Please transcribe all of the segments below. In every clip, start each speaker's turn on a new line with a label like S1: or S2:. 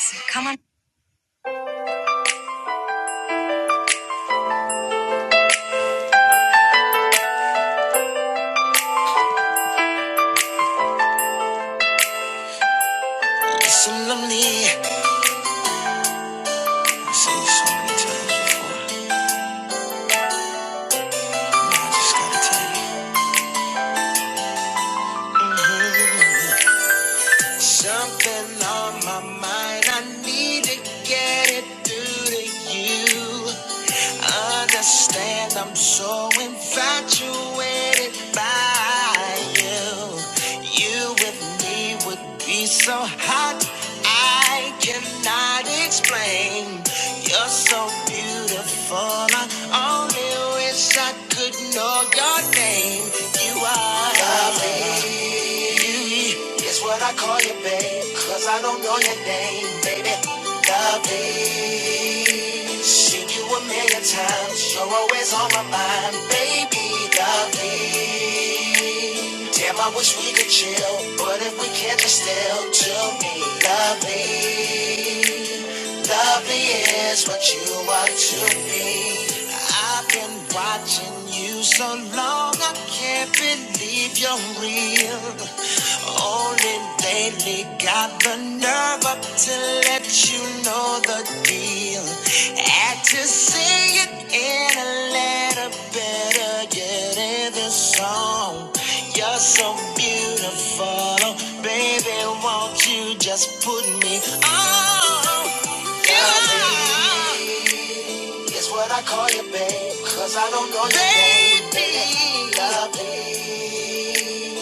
S1: So come on. It's so lonely. Say it so many times before. I just gotta tell you. Mhm. Something on my mind. I need to get it through to you. Understand I'm so infatuated by you. You with me would be so hot. I cannot explain. flame. You're so beautiful. I only wish I could know your name. You are lovely. It's what I call you, babe. Cause I don't know your name, baby. Lovely. Seen you a million times. You're always on my mind, baby. Lovely me. Damn, I wish we could chill, but if we can't, it's still to me lovely. Lovely is what you are to me. I've been watching you so long, I can't believe you're real. Only lately got the nerve up to let you know the deal. Had to say it in a letter better get in this song. You're so beautiful, oh, baby. Won't you just put me on? Yeah. It's what I call you, babe, cause I don't know your name. Baby, lovely.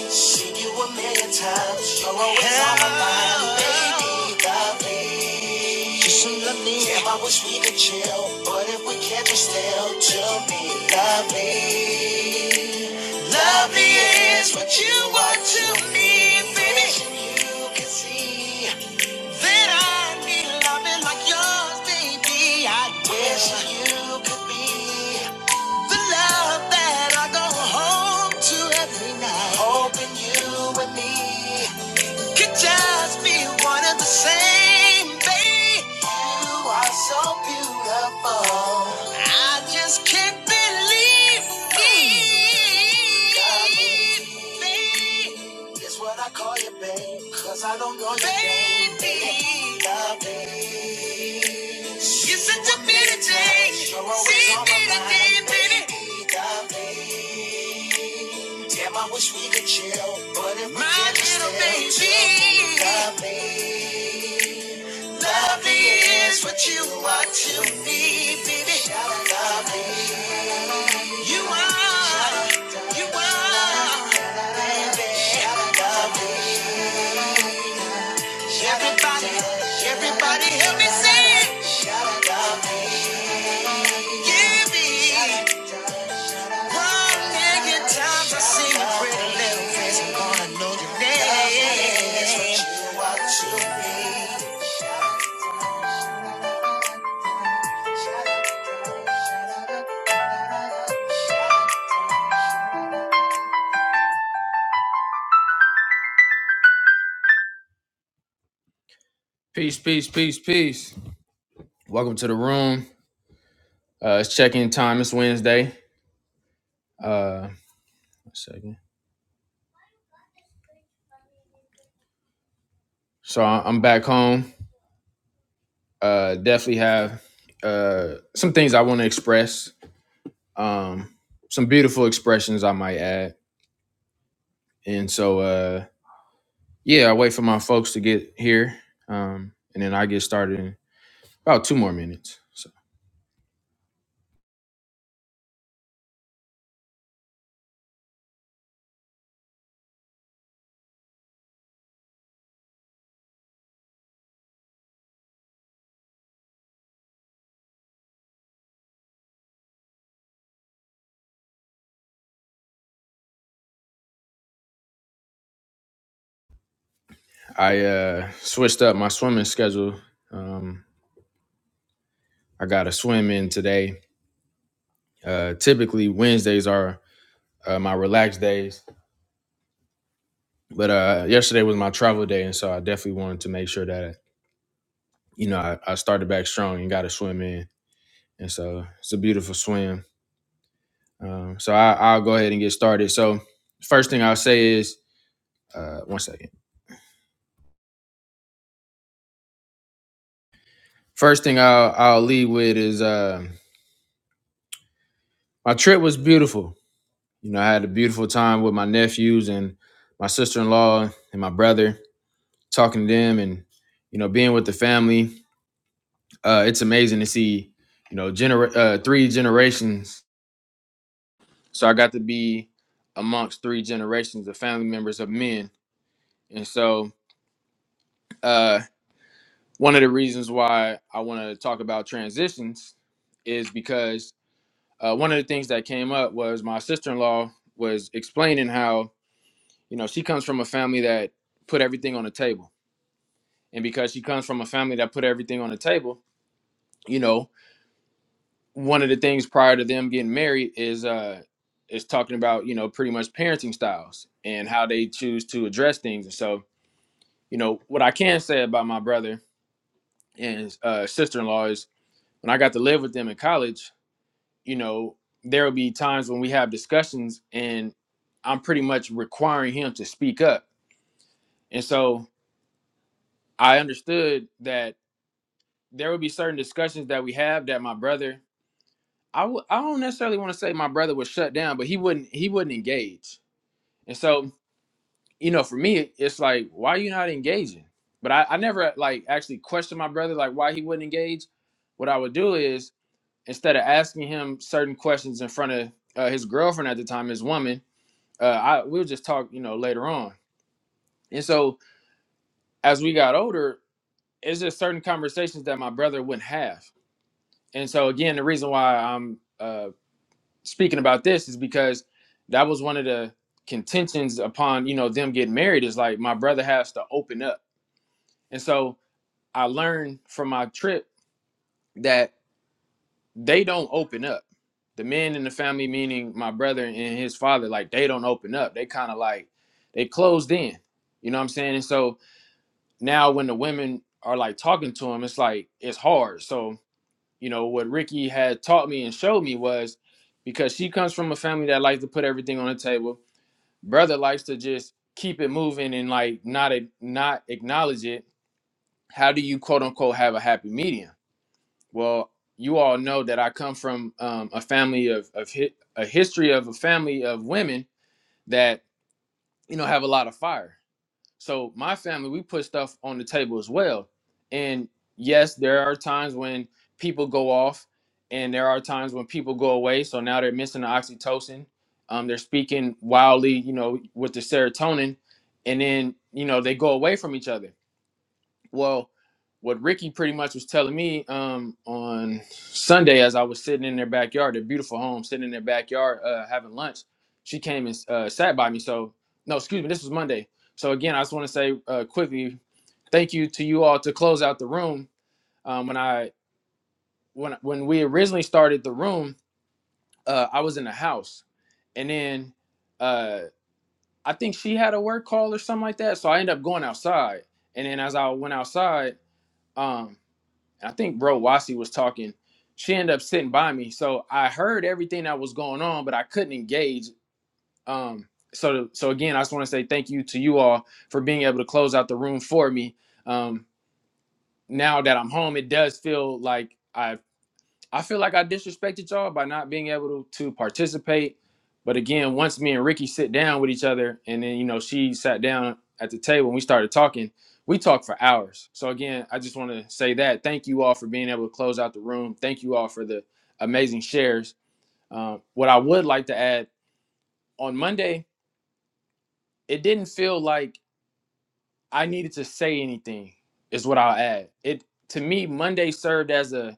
S1: Seen you a million times, you're always on my mind. Baby, lovely. You should love me. Damn, I wish we could chill, but if we can't, just still To me. love me, love me is what you are to me, baby. You can see yours, baby. I wish you could be. The love that I go home to every night. Hoping you and me could just be one and the same, babe. You are so beautiful. I just can't believe it. It's what I call you, babe. Cause I don't know your name. Baby. Love me. You're such a beauty, Jane. Show her what's See on my me mind. today, baby. Damn, I wish we could chill, but if we My can't just little baby, lovely, is what you are to me, baby. Shout out, Lovely, you are, you are, baby. Shout out, lovely. Everybody, everybody, help me sing. Give me one million times I sing a pretty little face, I'm gonna know your name. Lovely is what you are to me. Peace, peace, peace, peace. Welcome to the room. Uh, it's check-in time. It's Wednesday. Uh, one second. So I- I'm back home. Uh, definitely have uh, some things I want to express. Um, some beautiful expressions I might add. And so, uh, yeah, I wait for my folks to get here, um, and then I get started in about two more minutes. So I uh, switched up my swimming schedule. Um, I got a swim in today. Uh, typically Wednesdays are uh, my relaxed days But uh, yesterday was my travel day, and so I definitely wanted to make sure that you know I, I started back strong and got a swim in, and so it's a beautiful swim. Um, so I, I'll go ahead and get started. So first thing I'll say is uh, one second. First thing I'll I'll lead with is uh, my trip was beautiful. You know, I had a beautiful time with my nephews and my sister in law and my brother, talking to them, and you know, being with the family. Uh, it's amazing to see you know gener- uh, three generations So I got to be amongst three generations of family members of men. And so uh, one of the reasons why I want to talk about transitions is because uh, one of the things that came up was my sister in law was explaining how, you know, she comes from a family that put everything on the table. And because she comes from a family that put everything on the table, you know, one of the things prior to them getting married is uh, is talking about you know pretty much parenting styles and how they choose to address things and so You know, what I can say about my brother and uh, sister in law is when I got to live with them in college, you know, there will be times when we have discussions and I'm pretty much requiring him to speak up. And so I understood that there would be certain discussions that we have that my brother, I w- I don't necessarily want to say my brother was shut down, but he wouldn't, he wouldn't engage. And so, you know, for me, it's like, why are you not engaging? But I, I never like actually questioned my brother, like why he wouldn't engage what I would do is instead of asking him certain questions in front of uh, his girlfriend at the time, his woman, uh, I we'll just talk, you know, later on. And so as we got older, it's just certain conversations that my brother wouldn't have. And so again, the reason why I'm uh, speaking about this is because that was one of the contentions upon you know them getting married is like my brother has to open up. And so I learned from my trip that. they don't open up. The men in the family, meaning my brother and his father, like they don't open up. They kind of like they closed in. You know what I'm saying? And so now when the women are like talking to him, it's like it's hard. So, you know, what Ricky had taught me and showed me was because she comes from a family that likes to put everything on the table. Brother likes to just keep it moving and like not not acknowledge it. How do you quote unquote have a happy medium? Well, you all know that I come from um, a family of, of hi- a history of a family of women that you know have a lot of fire. So my family, we put stuff on the table as well. And yes, there are times when people go off, and there are times when people go away. So now they're missing the oxytocin. Um, they're speaking wildly, you know, with the serotonin, and then you know they go away from each other. Well, what Ricky pretty much was telling me um, on Sunday, as I was sitting in their backyard, their beautiful home, sitting in their backyard uh, having lunch, she came and uh, sat by me. So, no, excuse me, this was Monday. So again, I just want to say uh, quickly, thank you to you all to close out the room. Um, when I when when we originally started the room, uh, I was in the house, and then uh, I think she had a work call or something like that. So I ended up going outside, and then as I went outside. um, I think bro Wasi was talking. She ended up sitting by me, so I heard everything that was going on, but I couldn't engage. Um, so so again, I just want to say thank you to you all for being able to close out the room for me. Um, now that I'm home, it does feel like. I. I feel like I disrespected y'all by not being able to, to participate. But again, once me and Ricky sit down with each other, and then you know she sat down at the table and we started talking, we talked for hours. So again, I just want to say that thank you all for being able to close out the room. Thank you all for the amazing shares. Um, what I would like to add on Monday, it didn't feel like I needed to say anything. Is what I'll add. It to me Monday served as a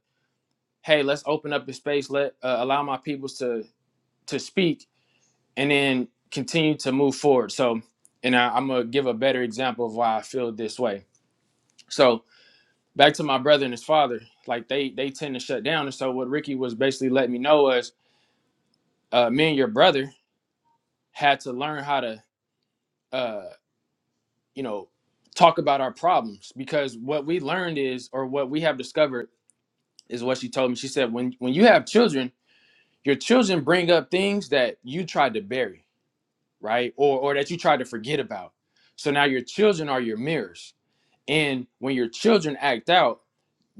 S1: hey, let's open up the space, let uh, allow my peoples to to speak and then continue to move forward. So, and I, I'm gonna give a better example of why I feel this way. So back to my brother and his father, like they they tend to shut down. And so what Ricky was basically letting me know was, uh, me and your brother had to learn how to, uh, you know, talk about our problems because what we learned is, or what we have discovered is what she told me. She said, when when you have children, your children bring up things that you tried to bury right? Or or that you tried to forget about. So now your children are your mirrors. And when your children act out,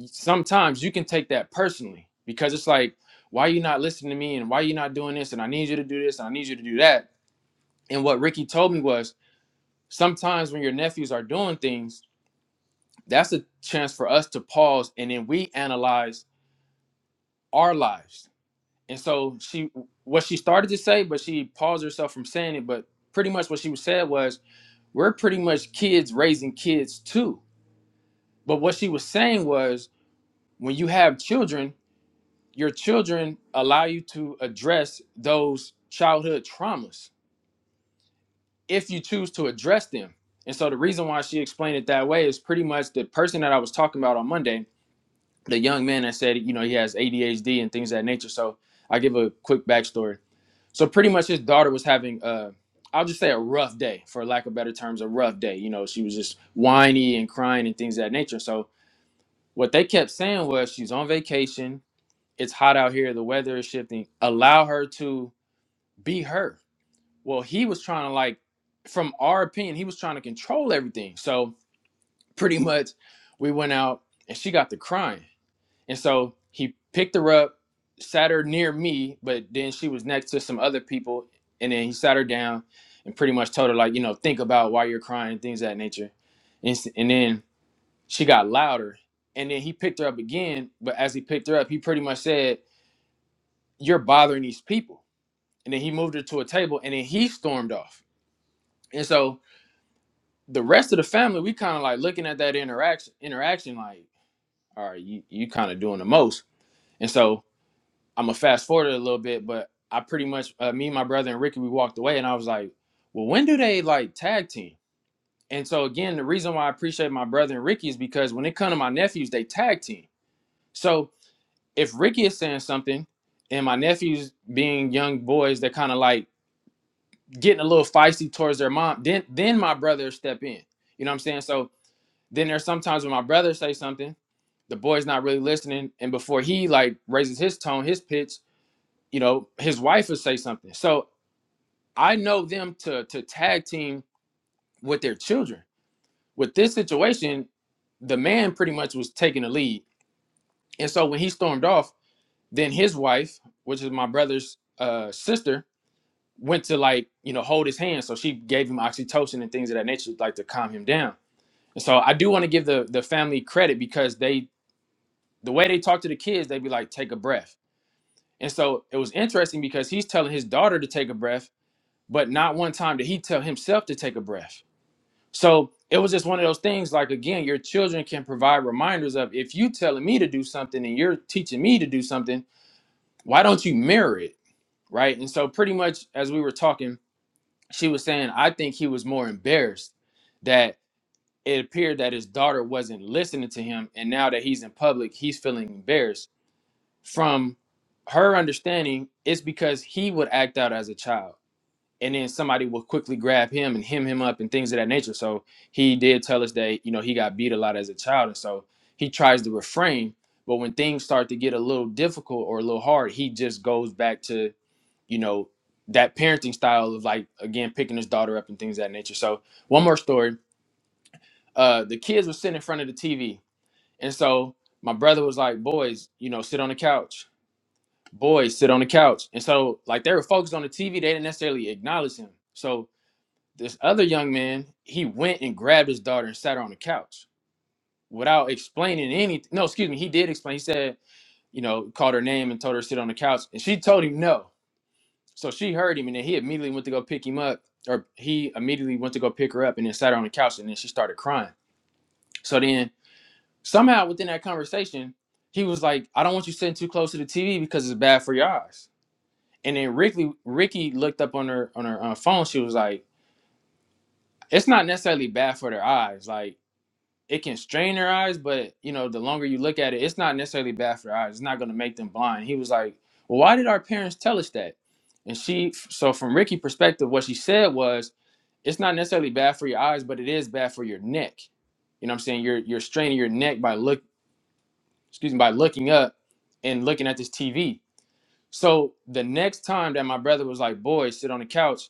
S1: sometimes you can take that personally because it's like, why are you not listening to me and why are you not doing this and I need you to do this and I need you to do that. And what Ricky told me was sometimes when your nephews are doing things, that's a chance for us to pause and then we analyze our lives. And so she what she started to say, but she paused herself from saying it, but pretty much what she said was we're pretty much kids raising kids too. But what she was saying was when you have children, your children allow you to address those childhood traumas if you choose to address them. And so the reason why she explained it that way is pretty much the person that I was talking about on Monday, the young man that said, you know, he has ADHD and things of that nature. So I give a quick backstory So pretty much his daughter was having uh I'll just say a rough day for lack of better terms, a rough day. You know, she was just whiny and crying and things of that nature. So what they kept saying was she's on vacation, it's hot out here, the weather is shifting. Allow her to be her. Well, he was trying to like from our opinion, he was trying to control everything. So pretty much we went out and she got to crying and so he picked her up, sat her near me, but then she was next to some other people. And then he sat her down and pretty much told her, like, you know, think about why you're crying, things of that nature. And, s- and then she got louder. And then he picked her up again. But as he picked her up, he pretty much said, You're bothering these people. And then he moved her to a table and then he stormed off. And so the rest of the family, we kind of like looking at that interaction, interaction like, all right, you, you kind of doing the most. And so I'm gonna fast forward it a little bit, but I pretty much uh, me, my brother, and Ricky, we walked away, and I was like, "Well, when do they like tag team?" And so again, the reason why I appreciate my brother and Ricky is because when it comes to my nephews, they tag team. So if Ricky is saying something, and my nephews being young boys, they're kind of like getting a little feisty towards their mom. Then then my brother step in. You know what I'm saying? So then there's sometimes when my brother say something, the boy's not really listening, and before he like raises his tone, his pitch, you know his wife would say something so i know them to to tag team with their children with this situation the man pretty much was taking the lead and so when he stormed off then his wife which is my brother's uh sister went to like you know hold his hand so she gave him oxytocin and things of that nature like to calm him down and so i do want to give the the family credit because they the way they talk to the kids they'd be like take a breath and so it was interesting because he's telling his daughter to take a breath but not one time did he tell himself to take a breath. So it was just one of those things. Like again, your children can provide reminders of if you telling me to do something and you're teaching me to do something, why don't you mirror it, right? And so pretty much as we were talking, she was saying, I think he was more embarrassed that it appeared that his daughter wasn't listening to him, and now that he's in public, he's feeling embarrassed. From her understanding, it's because he would act out as a child and then somebody will quickly grab him and hem him up and things of that nature. So he did tell us that you know he got beat a lot as a child, and so he tries to refrain. But when things start to get a little difficult or a little hard, he just goes back to you know that parenting style of like again picking his daughter up and things of that nature. So one more story. Uh, the kids were sitting in front of the TV, and so my brother was like, "Boys, you know, sit on the couch. Boys, sit on the couch." And so like they were focused on the TV, they didn't necessarily acknowledge him. So this other young man, he went and grabbed his daughter and sat her on the couch without explaining anything. No, excuse me, he did explain. He said, you know, called her name and told her to sit on the couch, and she told him no. So she heard him, and then he immediately went to go pick him up, or he immediately went to go pick her up, and then sat her on the couch, and then she started crying. So then somehow within that conversation, he was like, "I don't want you sitting too close to the TV because it's bad for your eyes." And then Ricky Ricky looked up on her on her uh, phone. She was like, "It's not necessarily bad for their eyes. Like it can strain their eyes, but you know, the longer you look at it, it's not necessarily bad for their eyes. It's not going to make them blind. He was like, "Well, why did our parents tell us that?" And she, so from Ricky' perspective, what she said was, "It's not necessarily bad for your eyes, but it is bad for your neck." You know, what I'm saying you're you're straining your neck by look, excuse me, by looking up and looking at this TV. So the next time that my brother was like, "Boy, sit on the couch,"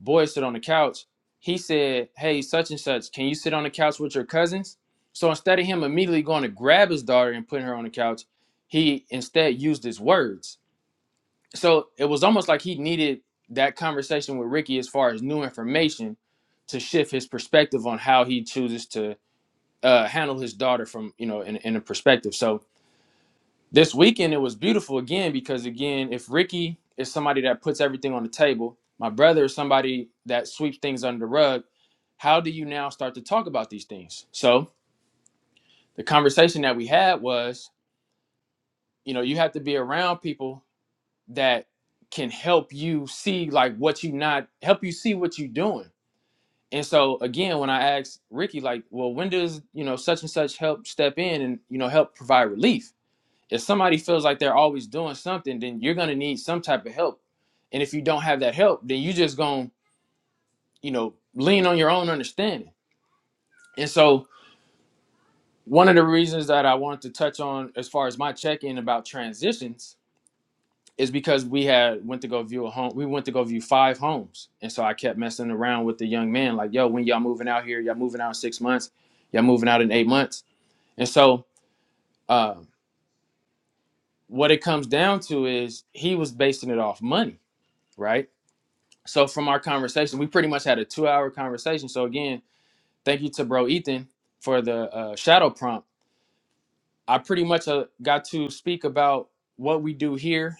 S1: boy sit on the couch. He said, Hey, such and such, can you sit on the couch with your cousins? So instead of him immediately going to grab his daughter and putting her on the couch, he instead used his words. So it was almost like he needed that conversation with Ricky as far as new information to shift his perspective on how he chooses to uh, handle his daughter from, you know, in, in a perspective. So this weekend it was beautiful again because again, if Ricky is somebody that puts everything on the table, my brother is somebody that sweeps things under the rug. How do you now start to talk about these things? So the conversation that we had was, you know, you have to be around people that can help you see like what you not help you see what you're doing. And so again, when I asked Ricky, like, well, when does you know such and such help step in and you know help provide relief? if somebody feels like they're always doing something, then you're gonna need some type of help. And if you don't have that help, then you just gonna, you know, lean on your own understanding. And so one of the reasons that I wanted to touch on as far as my check-in about transitions is because we had went to go view a home. We went to go view five homes. And so I kept messing around with the young man, like, yo, when y'all moving out here, y'all moving out in six months, y'all moving out in eight months. And so uh, what it comes down to is he was basing it off money, right? so from our conversation, we pretty much had a two hour conversation. So again, thank you to bro Ethan for the uh, shadow prompt. I pretty much uh, got to speak about what we do here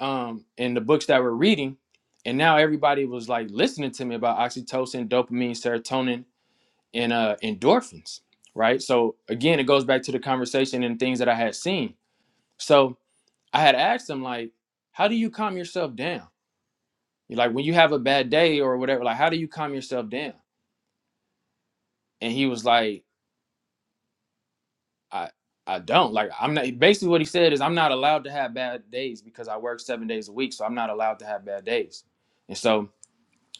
S1: um, in the books that we're reading. And now everybody was like listening to me about oxytocin, dopamine, serotonin, and uh, endorphins, right? So again, it goes back to the conversation and things that I had seen. So I had asked him like, how do you calm yourself down? Like when you have a bad day or whatever, like how do you calm yourself down? and he was like i i don't like i'm not basically what he said is i'm not allowed to have bad days because i work seven days a week so i'm not allowed to have bad days and so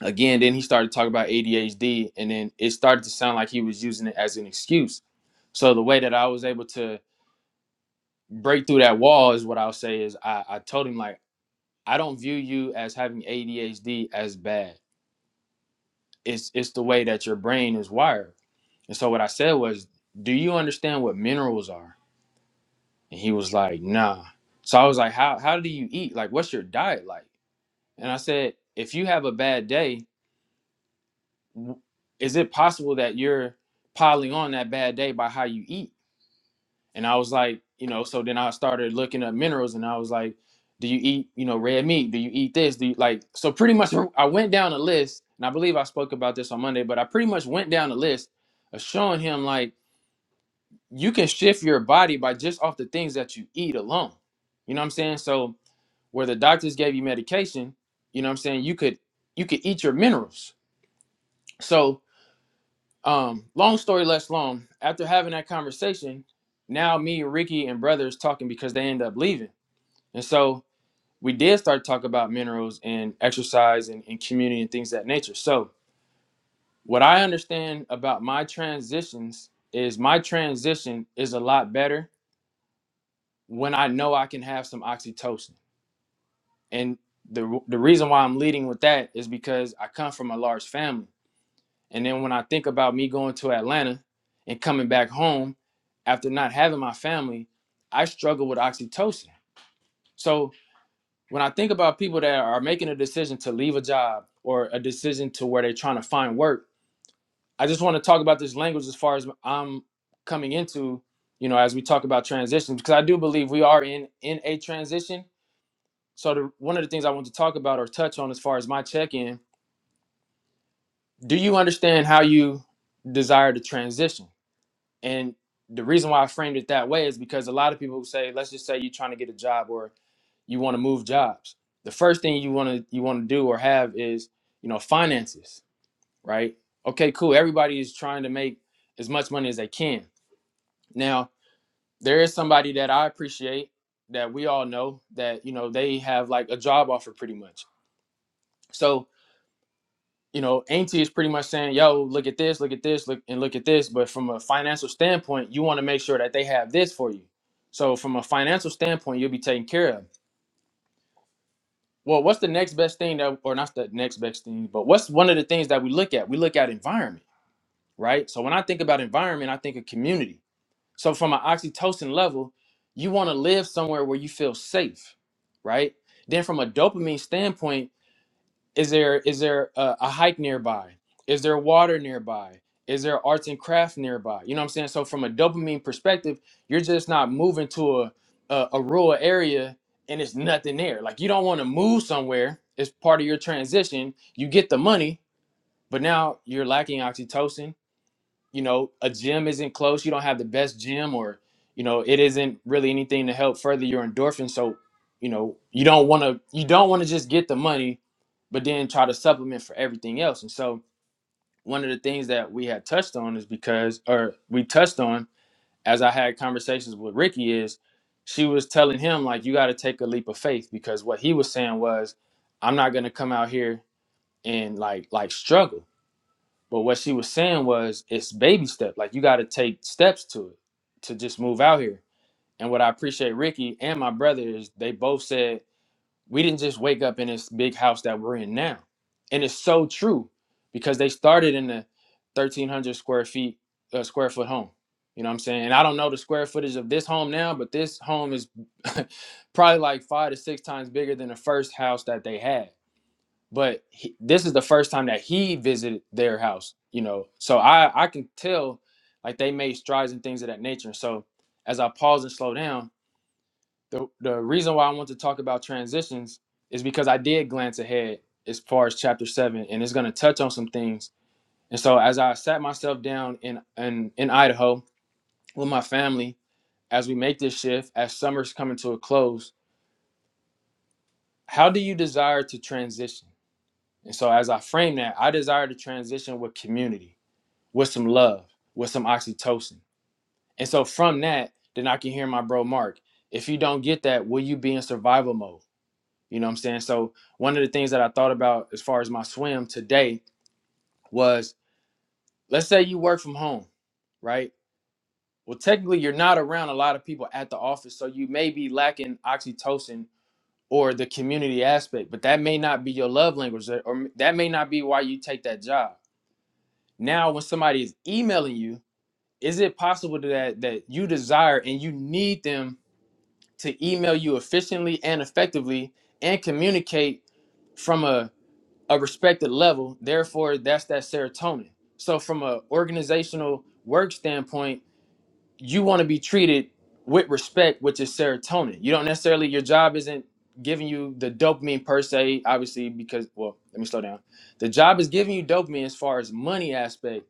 S1: again then he started talking about adhd and then it started to sound like he was using it as an excuse so the way that i was able to break through that wall is what i'll say is i, I told him like i don't view you as having adhd as bad it's it's the way that your brain is wired and so what i said was do you understand what minerals are And he was like, nah. So I was like, how how do you eat? Like, what's your diet like? And I said, if you have a bad day, w- is it possible that you're piling on that bad day by how you eat? And I was like, you know, so then I started looking up minerals and I was like, do you eat, you know, red meat? Do you eat this? Do you like so pretty much I went down a list and I believe I spoke about this on Monday, but I pretty much went down a list of showing him like you can shift your body by just off the things that you eat alone. You know what I'm saying? So where the doctors gave you medication, you know what I'm saying, you could you could eat your minerals. So um long story less long, after having that conversation, now me, Ricky, and brothers talking because they end up leaving. And so we did start talking about minerals and exercise and, and community and things of that nature. So what I understand about my transitions is my transition is a lot better when I know I can have some oxytocin and the the reason why I'm leading with that is because I come from a large family. And then when I think about me going to Atlanta and coming back home after not having my family, I struggle with oxytocin. So when I think about people that are making a decision to leave a job or a decision to where they're trying to find work, I just want to talk about this language as far as I'm coming into, you know, as we talk about transitions, because I do believe we are in in a transition so the, one of the things I want to talk about or touch on as far as my check-in, do you understand how you desire to transition? And the reason why I framed it that way is because a lot of people who say, let's just say you're trying to get a job or you want to move jobs. The first thing you want to you want to do or have is, you know, finances, right? Okay, cool. Everybody is trying to make as much money as they can. Now, there is somebody that I appreciate that we all know that, you know, they have like a job offer pretty much. So you know, Ainty is pretty much saying, yo, look at this, look at this, look and look at this. But from a financial standpoint, you want to make sure that they have this for you. So from a financial standpoint, you'll be taken care of. Well, what's the next best thing that or not the next best thing, but what's one of the things that we look at? We look at environment, right? So when I think about environment, I think of community. So from an oxytocin level, you want to live somewhere where you feel safe, right? Then from a dopamine standpoint, is there is there a, a hike nearby is there water nearby is there arts and crafts nearby you know what i'm saying so from a dopamine perspective you're just not moving to a a, a rural area and it's nothing there like you don't want to move somewhere it's part of your transition you get the money but now you're lacking oxytocin you know a gym isn't close you don't have the best gym or you know it isn't really anything to help further your endorphins so you know you don't want to you don't want to just get the money but then try to supplement for everything else and so one of the things that we had touched on is because or we touched on as i had conversations with ricky is she was telling him like you got to take a leap of faith because what he was saying was i'm not going to come out here and like like struggle but what she was saying was it's baby step. Like you got to take steps to it to just move out here. And what I appreciate Ricky and my brother is they both said we didn't just wake up in this big house that we're in now. And it's so true because they started in the 1300 square feet uh, square foot home. You know what I'm saying? And I don't know the square footage of this home now, but this home is probably like 5 to 6 times bigger than the first house that they had but he, this is the first time that he visited their house you know so i i can tell like they made strides and things of that nature so as i pause and slow down the, the reason why i want to talk about transitions is because i did glance ahead as far as chapter 7 and it's going to touch on some things and so as i sat myself down in in, in idaho with my family as we make this shift as summer's coming to a close how do you desire to transition and so as i frame that i desire to transition with community with some love, with some oxytocin. And so from that, then I can hear my bro Mark. If you don't get that, will you be in survival mode? You know what I'm saying? So one of the things that I thought about as far as my swim today was let's say you work from home, right? Well, technically you're not around a lot of people at the office, so you may be lacking oxytocin or the community aspect, but that may not be your love language or or that may not be why you take that job. Now when somebody is emailing you is it possible that that you desire and you need them to email you efficiently and effectively and communicate from a, a respected level therefore that's that serotonin so from a organizational work standpoint you want to be treated with respect, which is serotonin. You don't necessarily your job isn't giving you the dopamine per se, obviously because well, let me slow down. The job is giving you dopamine as far as money aspect,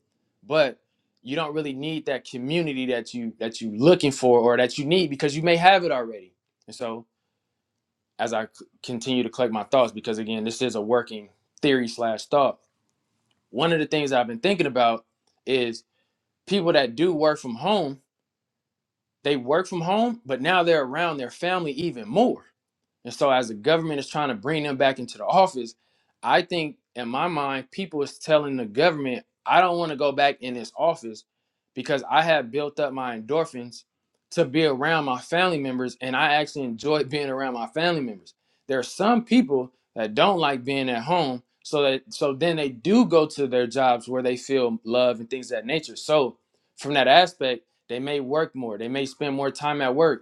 S1: but you don't really need that community that you that you looking for or that you need because you may have it already. And so as I c- continue to collect my thoughts, because again, this is a working theory slash thought. One of the things I've been thinking about is people that do work from home they work from home, but now they're around their family even more. And so, as the government is trying to bring them back into the office, I think in my mind, people is telling the government, I don't want to go back in this office because I have built up my endorphins to be around my family members and I actually enjoy being around my family members. There are some people that don't like being at home. So that so then they do go to their jobs where they feel love and things of that nature. So from that aspect, they may work more, they may spend more time at work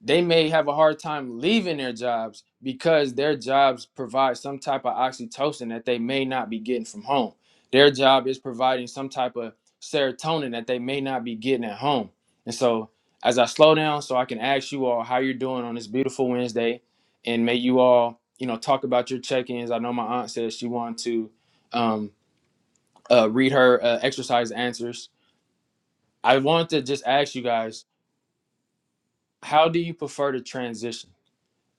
S1: they may have a hard time leaving their jobs because their jobs provide some type of oxytocin that they may not be getting from home. Their job is providing some type of serotonin that they may not be getting at home. And so, as I slow down, so I can ask you all how you're doing on this beautiful Wednesday, and may you all, you know, talk about your check-ins. I know my aunt said she wanted to um, uh, read her uh, exercise answers. I wanted to just ask you guys, how do you prefer to transition?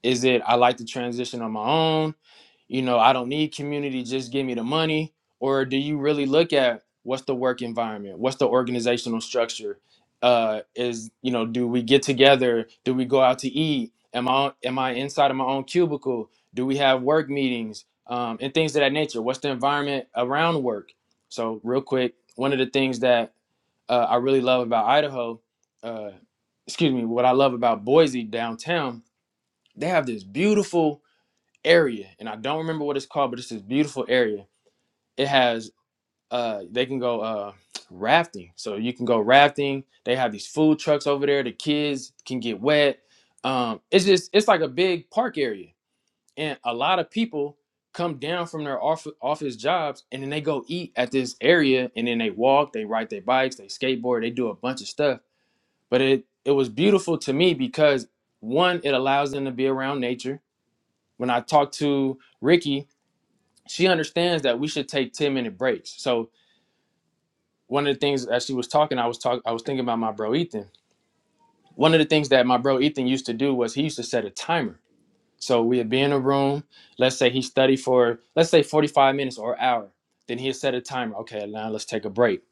S1: Is it I like to transition on my own? You know, I don't need community, just give me the money. Or do you really look at what's the work environment? What's the organizational structure? Uh, is you know, do we get together? Do we go out to eat? Am I am I inside of my own cubicle? Do we have work meetings um, and things of that nature? What's the environment around work? So real quick, one of the things that uh, I really love about Idaho, uh, excuse me, what I love about Boise downtown they have this beautiful area and i don't remember what it's called but it's this beautiful area it has uh they can go uh rafting so you can go rafting they have these food trucks over there the kids can get wet um it's just it's like a big park area and a lot of people come down from their off- office jobs and then they go eat at this area and then they walk they ride their bikes they skateboard they do a bunch of stuff but it it was beautiful to me because one it allows them to be around nature when I talk to Ricky, she understands that we should take 10 minute breaks. So one of the things as she was talking, I was talking I was thinking about my bro Ethan. One of the things that my bro Ethan used to do was he used to set a timer. So we'd be in a room, let's say he studied for let's say 45 minutes or an hour. Then he'd set a timer. Okay, now let's take a break.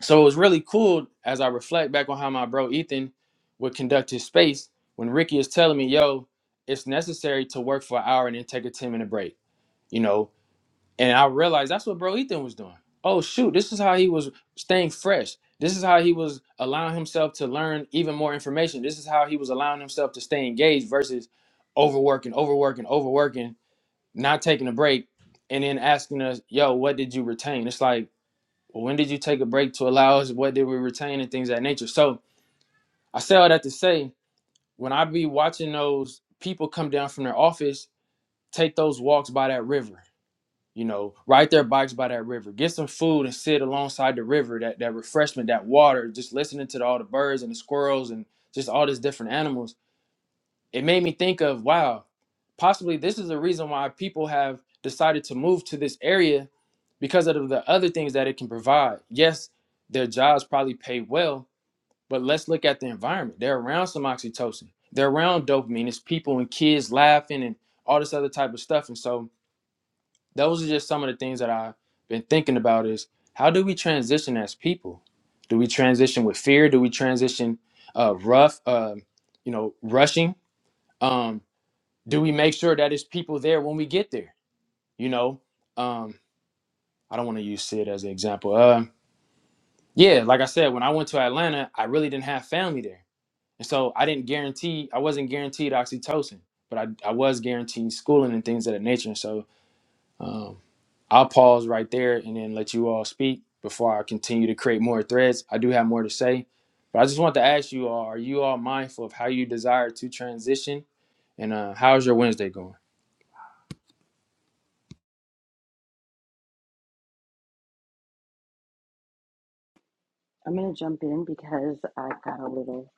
S1: So it was really cool as I reflect back on how my bro Ethan would conduct his space when Ricky is telling me, yo, it's necessary to work for an hour and then take a 10 minute break. You know, And I realized that's what Bro Ethan was doing. Oh shoot, this is how he was staying fresh. This is how he was allowing himself to learn even more information. This is how he was allowing himself to stay engaged versus overworking, overworking, overworking, not taking a break, and then asking us, yo, what did you retain? It's like, well, when did you take a break to allow us? What did we retain and things of that nature? So I say all that to say, when I be watching those people come down from their office, take those walks by that river you know, ride their bikes by that river, get some food and sit alongside the river, that, that refreshment, that water, just listening to all the birds and the squirrels and just all these different animals. It made me think of, wow, possibly this is the reason why people have decided to move to this area because of the other things that it can provide. Yes, their jobs probably pay well, but let's look at the environment. They're around some oxytocin, they're around dopamine. It's people and kids laughing and all this other type of stuff. And so, those are just some of the things that I've been thinking about is how do we transition as people? Do we transition with fear? Do we transition uh, rough, uh, you know, rushing? Um, do we make sure that it's people there when we get there? You know, um, I don't want to use Sid as an example. Uh, yeah, like I said, when I went to Atlanta, I really didn't have family there. And so I didn't guarantee, I wasn't guaranteed oxytocin, but I, I was guaranteed schooling and things of that nature. And So. Um, I'll pause right there and then let you all speak before I continue to create more threads. I do have more to say, but I just want to ask you all: Are you all mindful of how you desire to transition, and uh, how's your Wednesday going?
S2: I'm going to jump in because I've got a little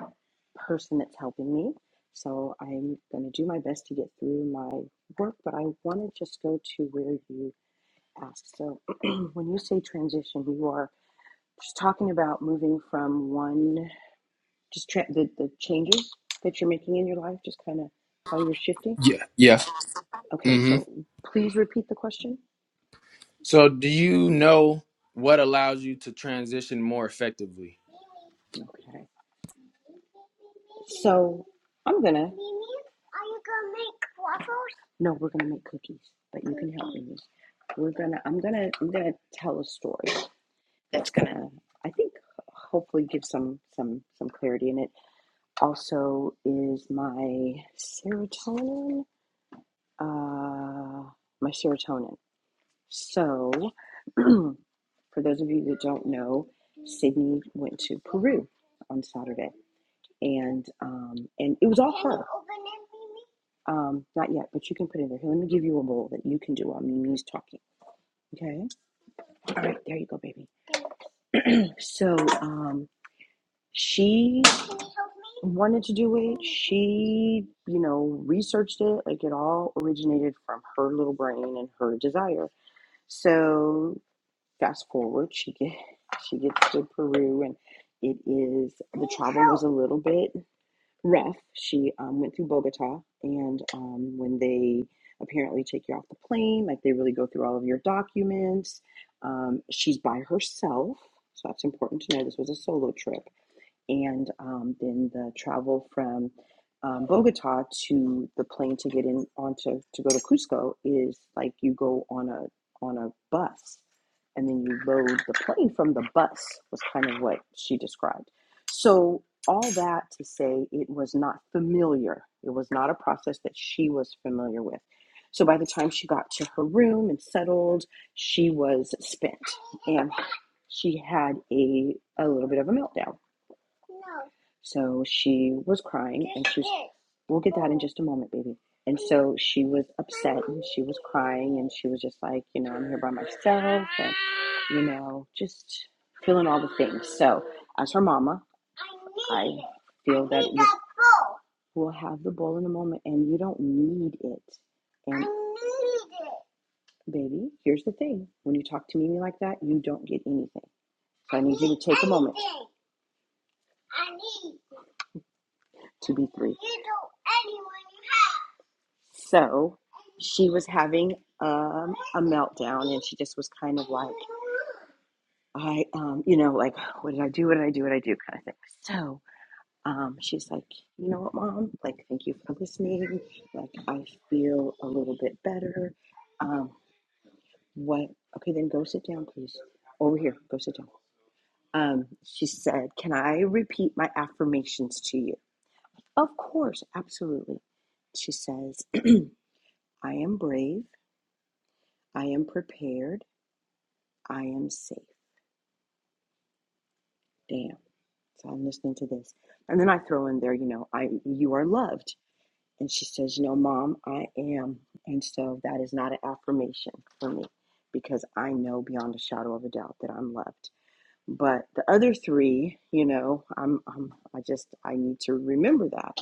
S2: person that's helping me. So I'm going to do my best to get through my work, but I want to just go to where you asked. So when you say transition, you are just talking about moving from one, just tra- the, the changes that you're making in your life, just kind of how you're shifting.
S1: Yeah, yeah.
S2: Okay,
S1: hmm
S2: so please repeat the question.
S1: So, do you know what allows you to transition more effectively?
S2: Okay. So I'm gonna. Mimi, Are you gonna make waffles? No, we're gonna make cookies, but you can help me. We're gonna. I'm gonna. I'm gonna tell a story that's gonna. I think hopefully give some some some clarity in it. Also, is my serotonin. Uh, my serotonin. So, for those of you that don't know, Sydney went to Peru on Saturday and um, and it was all her. Um, not yet, but you can put it in there. Here, let me give you a bowl that you can do while Mimi's talking. Okay. All right, there you go, baby. So um, she wanted to do it. She, you know, researched it. Like it all originated from her little brain and her desire. So fast forward, she get she gets to Peru, and it is the travel was a little bit. Rough. she um, went through Bogota, and um, when they apparently take you off the plane, like they really go through all of your documents. Um, she's by herself, so that's important to know. This was a solo trip and um, then the travel from um, Bogota to the plane to get in onto to go to Cusco is like you go on a on a bus, and then you load the plane from the bus was kind of what she described. So all that to say, it was not familiar. It was not a process that she was familiar with. So by the time she got to her room and settled, she was spent, and she had a a little bit of a meltdown no. So she was crying and she was, we'll get that in just a moment, baby. And so she was upset and she was crying and she was just like, you know, I'm here by myself and, you know, just feeling all the things. So as her mama, I feel that we will have the bowl in a moment and you don't need it. And I need it. baby, here's the thing. When you talk to Mimi like that, you don't get anything. So I need you to take a moment. I need to be three. So she was having um, a meltdown and she just was kind of like, I, um, you know, like, what did I do? What did I do? What did I do? Kind of thing. So um, she's like, you know what, mom? Like, thank you for listening. Like, I feel a little bit better. Um, what? Okay, then go sit down, please. Over here, go sit down. Um, she said, can I repeat my affirmations to you? Of course, absolutely. She says, I am brave. I am prepared. I am safe. Damn. So I'm listening to this. And then I throw in there, you know, I you are loved. And she says, you know, mom, I am. And so that is not an affirmation for me because I know beyond a shadow of a doubt that I'm loved. But the other three, you know, I'm, I'm I just I need to remember that.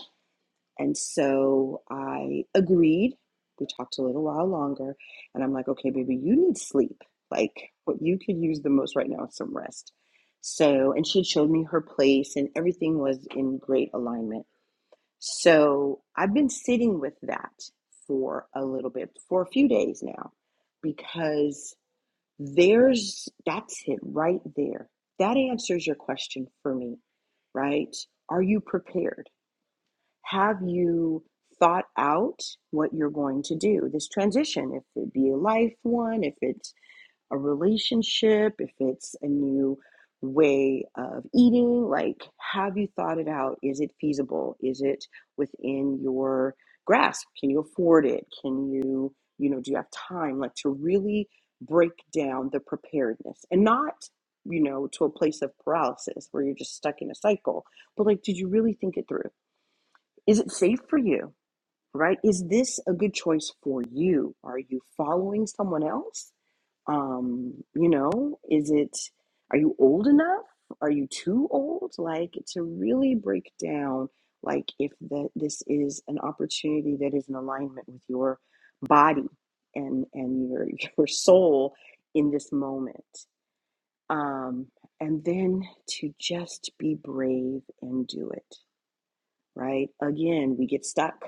S2: And so I agreed. We talked a little while longer, and I'm like, okay, baby, you need sleep. Like, what you could use the most right now is some rest. So, and she had showed me her place, and everything was in great alignment. So, I've been sitting with that for a little bit, for a few days now, because there's that's it right there. That answers your question for me, right? Are you prepared? have you thought out what you're going to do this transition if it be a life one if it's a relationship if it's a new way of eating like have you thought it out is it feasible is it within your grasp can you afford it can you you know do you have time like to really break down the preparedness and not you know to a place of paralysis where you're just stuck in a cycle but like did you really think it through is it safe for you? Right? Is this a good choice for you? Are you following someone else? Um, you know, is it, are you old enough? Are you too old? Like to really break down, like if that this is an opportunity that is in alignment with your body and and your your soul in this moment. Um, and then to just be brave and do it right? Again, we get stuck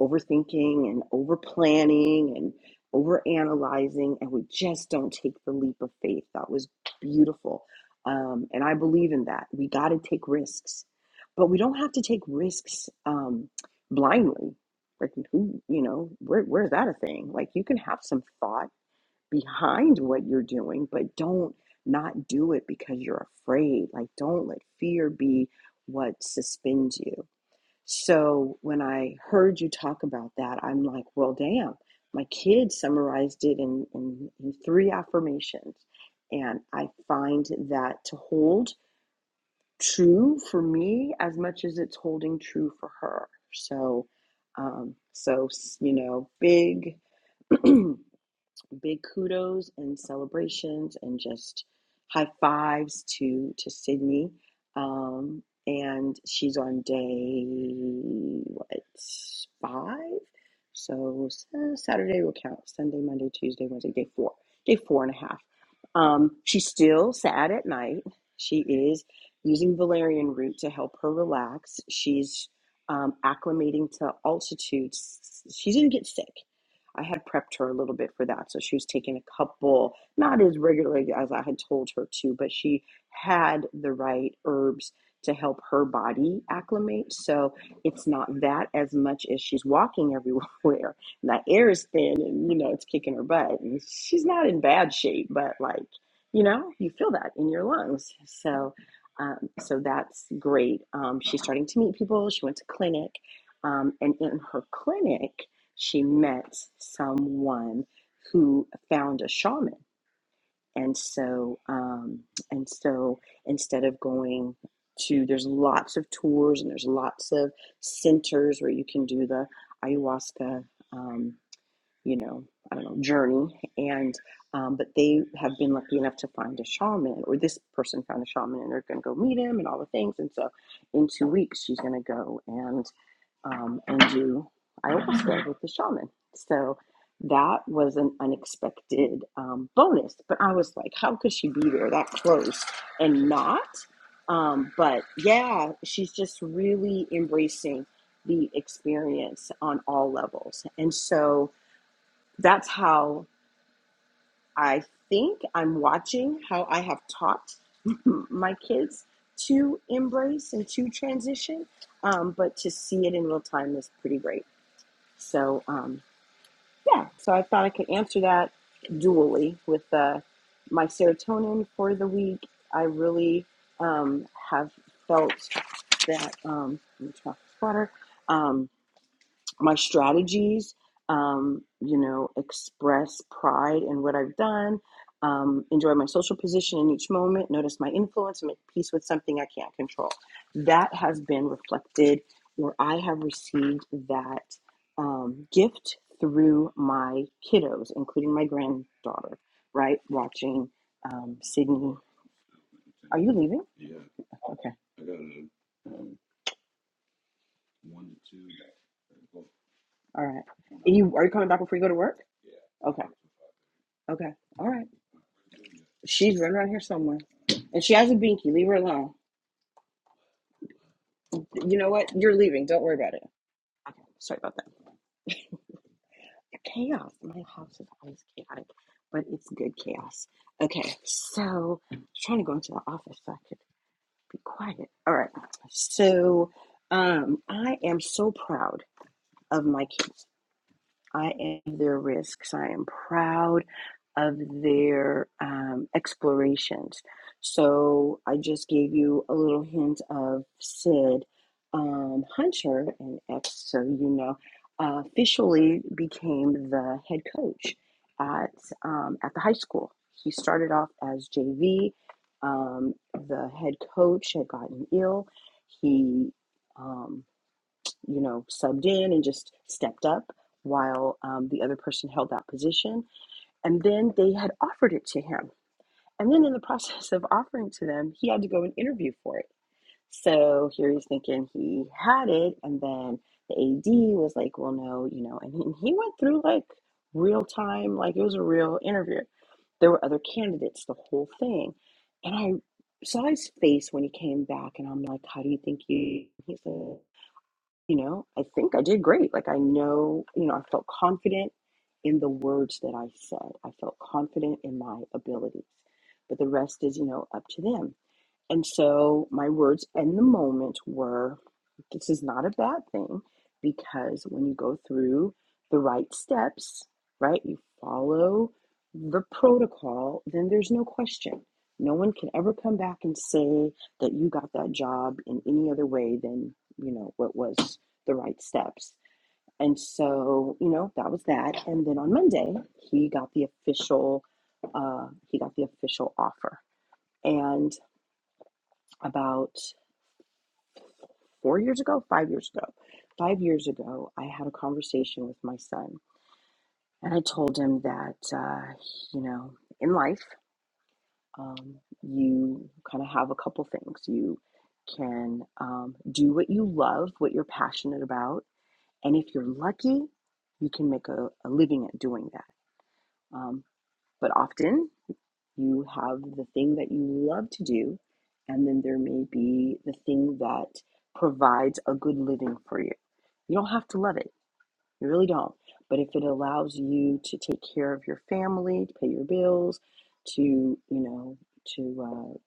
S2: overthinking and over planning and over analyzing, and we just don't take the leap of faith. That was beautiful. Um, and I believe in that. We got to take risks, but we don't have to take risks um, blindly. Like, who, you know, where, where's that a thing? Like, you can have some thought behind what you're doing, but don't not do it because you're afraid. Like, don't let fear be what suspends you so when I heard you talk about that, I'm like, well, damn, my kid summarized it in, in, in three affirmations. And I find that to hold true for me as much as it's holding true for her. So, um, so, you know, big. big kudos and celebrations and just high fives to to Sydney. Um, and she's on day what five? So Saturday will count. Sunday, Monday, Tuesday, Wednesday, day four, day four and a half. Um, she's still sad at night. She is using valerian root to help her relax. She's um, acclimating to altitude. She didn't get sick I had prepped her a little bit for that. So she was taking a couple, not as regularly as I had told her to, but she had the right herbs to help her body acclimate. So it's not that as much as she's walking everywhere. that air is thin and, you know, it's kicking her butt. And she's not in bad shape, but like, you know, you feel that in your lungs. So, um, so that's great. Um, she's starting to meet people. She went to clinic. Um, and in her clinic, she met someone who found a shaman and so um, and so instead of going to there's lots of tours and there's lots of centers where you can do the ayahuasca um, you know i don't know journey and um, but they have been lucky enough to find a shaman or this person found a shaman and they're going to go meet him and all the things and so in two weeks she's going to go and um, and do ayahuasca with the shaman. So that was an unexpected um, bonus. But I was like, how could she be there that close and not? Um, but yeah, she's just really embracing the experience on all levels. And so that's how I think I'm watching how I have taught my kids to embrace and to transition. Um, but to see it in real time is pretty great. So um, yeah, so I thought I could answer that dually with uh, my serotonin for the week. I really um, have felt that um, let me try this water. Um, my strategies um, you know express pride in what i've done um, enjoy my social position in each moment notice my influence and make peace with something i can't control that has been reflected where i have received that um, gift through my kiddos including my granddaughter right watching um, sydney are you leaving okay all right are you are you coming back before you go to work okay okay all right She's running around here somewhere. And she has a binky. Leave her alone. You know what? You're leaving. Don't worry about it. Okay. Sorry about that. chaos. My house is always chaotic, but it's good chaos. Okay. So I was trying to go into the office so I could be quiet. All right. So um I am so proud of my kids. I am their risks. I am proud of their um, explorations. So I just gave you a little hint of Sid um, Hunter, and ex, so you know, uh, officially became the head coach at um, at the high school. He started off as JV. Um, the head coach had gotten ill. He um, you know, subbed in and just stepped up while um, the other person held that position. And then they had offered it to him. And then in the process of offering to them, he had to go and interview for it. So here he's thinking he had it. And then the AD was like, well, no, you know, and he, and he went through like real time, like it was a real interview. There were other candidates, the whole thing. And I saw his face when he came back, and I'm like, how do you think you? He said you know, I think I did great. Like I know, you know, I felt confident in the words that I said. I felt confident in my abilities. But the rest is, you know, up to them. And so my words in the moment were this is not a bad thing because when you go through the right steps, right, you follow the protocol, then there's no question. No one can ever come back and say that you got that job in any other way than, you know, what was the right steps. And so, you know, that was that. And then on Monday, he got the official, uh, he got the official offer. And about four years ago, five years ago. Five years ago, I had a conversation with my son, and I told him that, uh, you know, in life, um, you kind of have a couple things. You can um, do what you love, what you're passionate about, and if you're lucky, you can make a, a living at doing that. Um, but often You have the thing that you love to do, and then there may be the thing that provides a good living for you. You don't have to love it, you really don't. But if it allows you to take care of your family, to pay your bills, to, you know, to uh,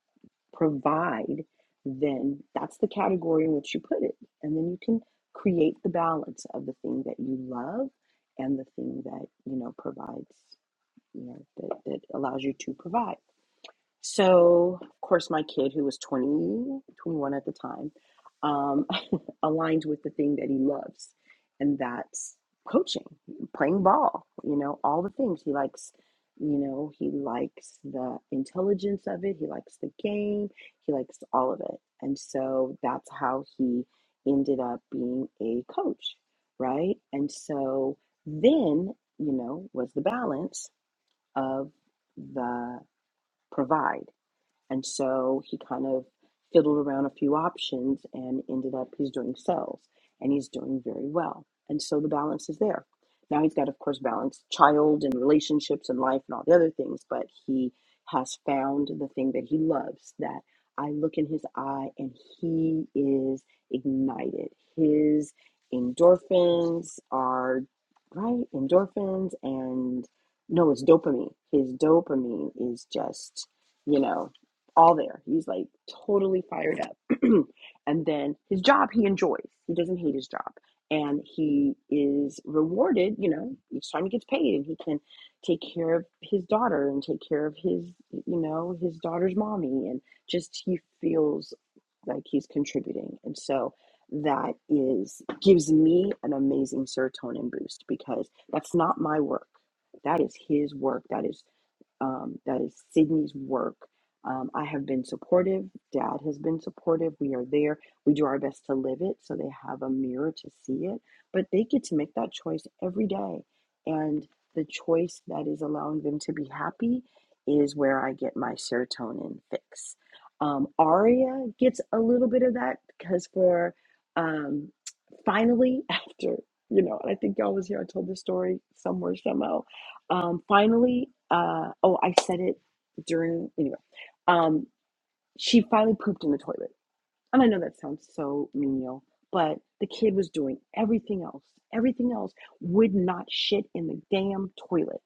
S2: provide, then that's the category in which you put it. And then you can create the balance of the thing that you love and the thing that, you know, provides, you know, that, that allows you to provide. So, of course, my kid, who was 20, 21 at the time, um, aligned with the thing that he loves, and that's coaching, playing ball, you know, all the things. He likes, you know, he likes the intelligence of it, he likes the game, he likes all of it. And so that's how he ended up being a coach, right? And so then, you know, was the balance of the provide and so he kind of fiddled around a few options and ended up he's doing sales and he's doing very well. And so the balance is there. Now he's got, of course, balance child and relationships and life and all the other things, but he has found the thing that he loves that I look in his eye and he is ignited. His endorphins are, right? Endorphins and no, it's dopamine. His dopamine is just, you know, all there. He's like totally fired up. and then his job he enjoys. He doesn't hate his job. And he is rewarded, you know, each time he gets paid and he can take care of his daughter and take care of his, you know, his daughter's mommy and just he feels like he's contributing. And so that is gives me an amazing serotonin boost because that's not my work. That is his work. That is um, that is Sydney's work. Um, I have been supportive. Dad has been supportive. We are there. We do our best to live it so they have a mirror to see it. But they get to make that choice every day. And the choice that is allowing them to be happy is where I get my serotonin fix. Um, Aria gets a little bit of that because for um, finally, after, you know, I think y'all was here, I told this story somewhere, somehow um, finally, uh, oh, I said it during, anyway, um, she finally pooped in the toilet. And I know that sounds so menial, but the kid was doing everything else. Everything else would not shit in the damn toilet.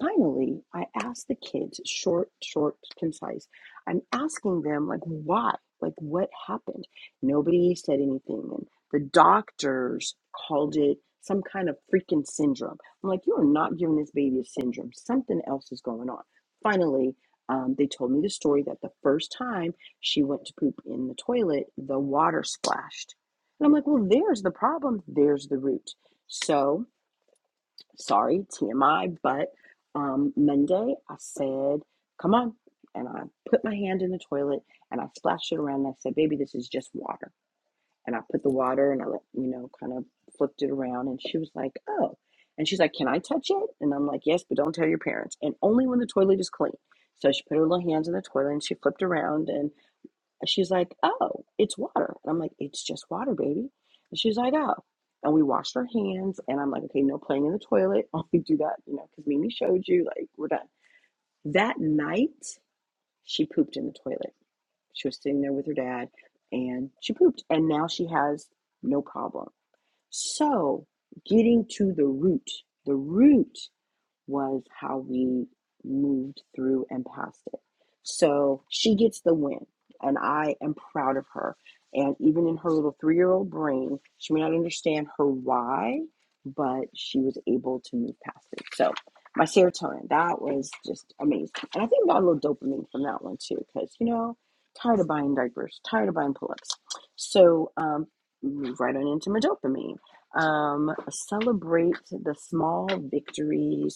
S2: Finally, I asked the kids, short, short, concise. I'm asking them, like, why? Like, what happened? Nobody said anything. And the doctors called it some kind of freaking syndrome. I'm like, you are not giving this baby a syndrome. Something else is going on. Finally, um, they told me the story that the first time she went to poop in the toilet, the water splashed. And I'm like, well, there's the problem. There's the root. So, sorry, TMI, but um, Monday I said, come on. And I put my hand in the toilet and I splashed it around and I said, baby, this is just water. And I put the water and I let, you know, kind of flipped it around. And she was like, oh. And she's like, can I touch it? And I'm like, yes, but don't tell your parents. And only when the toilet is clean. So she put her little hands in the toilet and she flipped around and. And she's like, oh, it's water. And I'm like, it's just water, baby. And she's like, oh. And we washed our hands. And I'm like, okay, no playing in the toilet. Only do that, you know, because Mimi showed you, like, we're done. That night, she pooped in the toilet. She was sitting there with her dad and she pooped. And now she has no problem. So getting to the root, the root was how we moved through and past it. So she gets the win, and I am proud of her. And even in her little three year old brain, she may not understand her why, but she was able to move past it. So my serotonin, that was just amazing. And I think I got a little dopamine from that one too, because, you know, tired of buying diapers, tired of buying pull ups. So um, move right on into my dopamine um, celebrate the small victories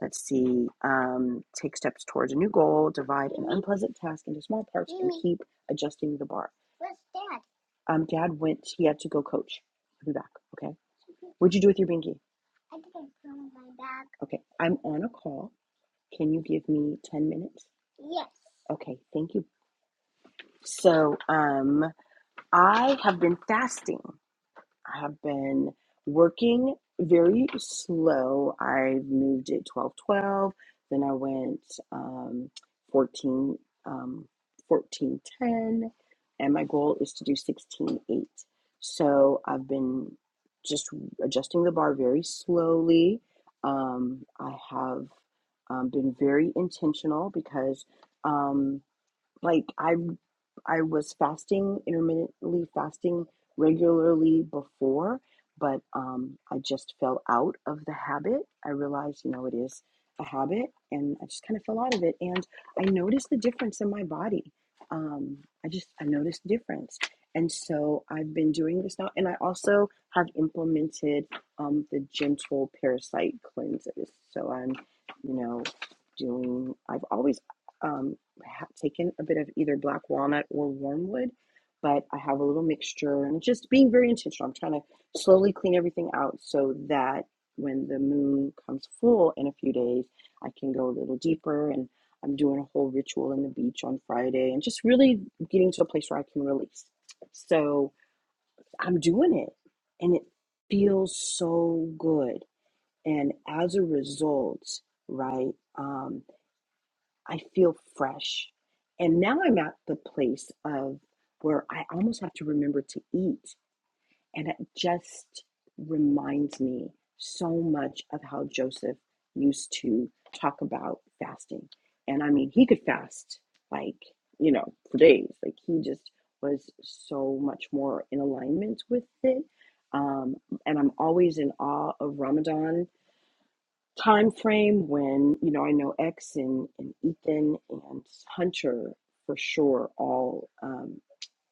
S2: Let's see. Um, take steps towards a new goal. Divide an unpleasant task into small parts and keep adjusting the bar. Where's dad? Um, Dad went. He had to go coach. He'll be back. Okay. What'd you do with your binky? I didn't put on my bag. Okay. I'm on a call. Can you give me ten minutes? Yes. Okay. Thank you. So, um, I have been fasting. I have been working very slow. I moved at 12 12, then I went um, 14, um, 14 ten, and my goal is to do 16 8. So I've been just adjusting the bar very slowly. Um, I have um, been very intentional because um, like I I was fasting, intermittently fasting regularly before, but um, I just fell out of the habit. I realized, you know, it is a habit, and I just kind of fell out of it. And I noticed the difference in my body. Um, I just I noticed the difference, and so I've been doing this now. And I also have implemented um, the gentle parasite cleanses. So I'm, you know, doing. I've always. Um, ha- taken a bit of either black walnut or wormwood, but I have a little mixture and just being very intentional. I'm trying to slowly clean everything out so that when the moon comes full in a few days, I can go a little deeper and I'm doing a whole ritual in the beach on Friday and just really getting to a place where I can release. So I'm doing it and it feels so good. And as a result, right? um, I feel fresh. And now I'm at the place of where I almost have to remember to eat. And it just reminds me so much of how Joseph used to talk about fasting. And I mean, he could fast like, you know, for days. Like he just was so much more in alignment with it. Um, and I'm always in awe of Ramadan time frame when you know I know X and, and Ethan and Hunter for sure all um,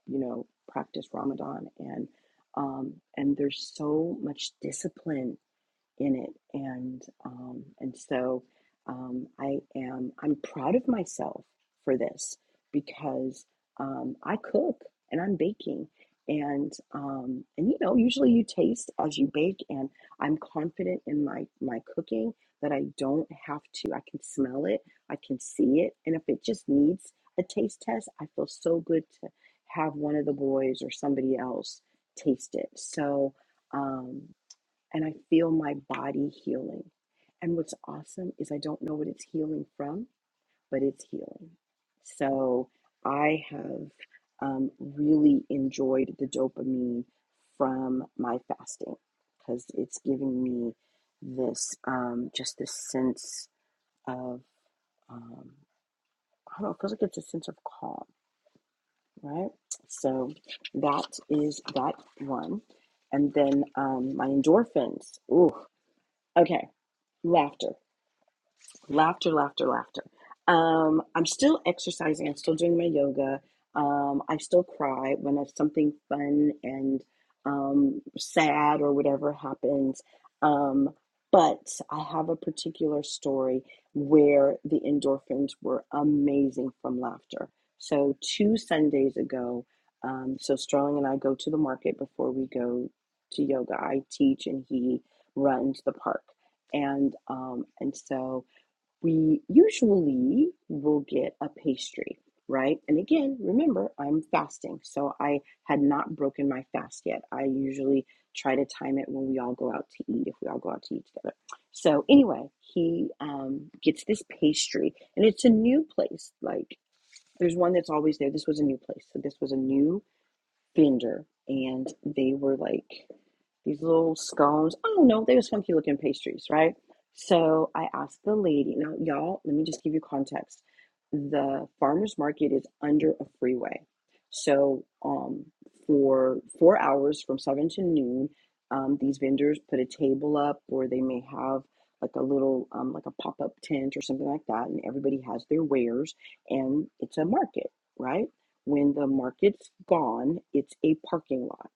S2: you know practice Ramadan and um, and there's so much discipline in it and um, and so um, I am I'm proud of myself for this because um, I cook and I'm baking and um, and you know usually you taste as you bake and I'm confident in my my cooking that I don't have to I can smell it I can see it and if it just needs a taste test I feel so good to have one of the boys or somebody else taste it so um, and I feel my body healing. And what's awesome is I don't know what it's healing from, but it's healing. So I have um, really enjoyed the dopamine from my fasting because it's giving me this um, just this sense of um, I don't know, it feels like it's a sense of calm, right? So that is that one. And then um, my endorphins. Ooh, okay laughter. Laughter, laughter, laughter. Um, I'm still exercising. I'm still doing my yoga. Um, I still cry when if something fun and um, sad or whatever happens. Um, but I have a particular story where the endorphins were amazing from laughter. So two Sundays ago, um, so Sterling and I go to the market before we go to yoga. I teach and he runs the park, and um, and so we usually will get a pastry, right? And again, remember, I'm fasting, so I had not broken my fast yet. I usually try to time it when we all go out to eat, if we all go out to eat together. So, anyway, he um, gets this pastry, and it's a new place. Like, there's one that's always there. This was a new place. So, this was a new vendor and they were like these little scones. I don't know, they were funky looking pastries, right? So I asked the lady, now y'all, let me just give you context. The farmers market is under a freeway. So um for four hours from seven to noon, um, these vendors put a table up or they may have like a little um, like a pop-up tent or something like that, and everybody has their wares and it's a market, right? When the market's gone, it's a parking lot.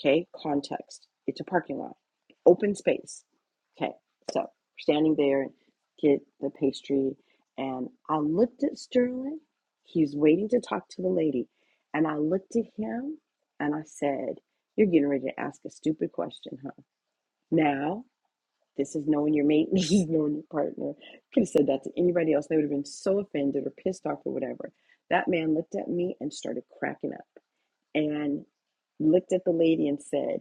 S2: Okay, context. It's a parking lot, open space. Okay, so we're standing there, get the pastry, and I looked at Sterling. He's waiting to talk to the lady, and I looked at him and I said, "You're getting ready to ask a stupid question, huh?" Now this is knowing your mate. This is knowing your partner. Could have said that to anybody else. They would have been so offended or pissed off or whatever. That man looked at me and started cracking up and looked at the lady and said,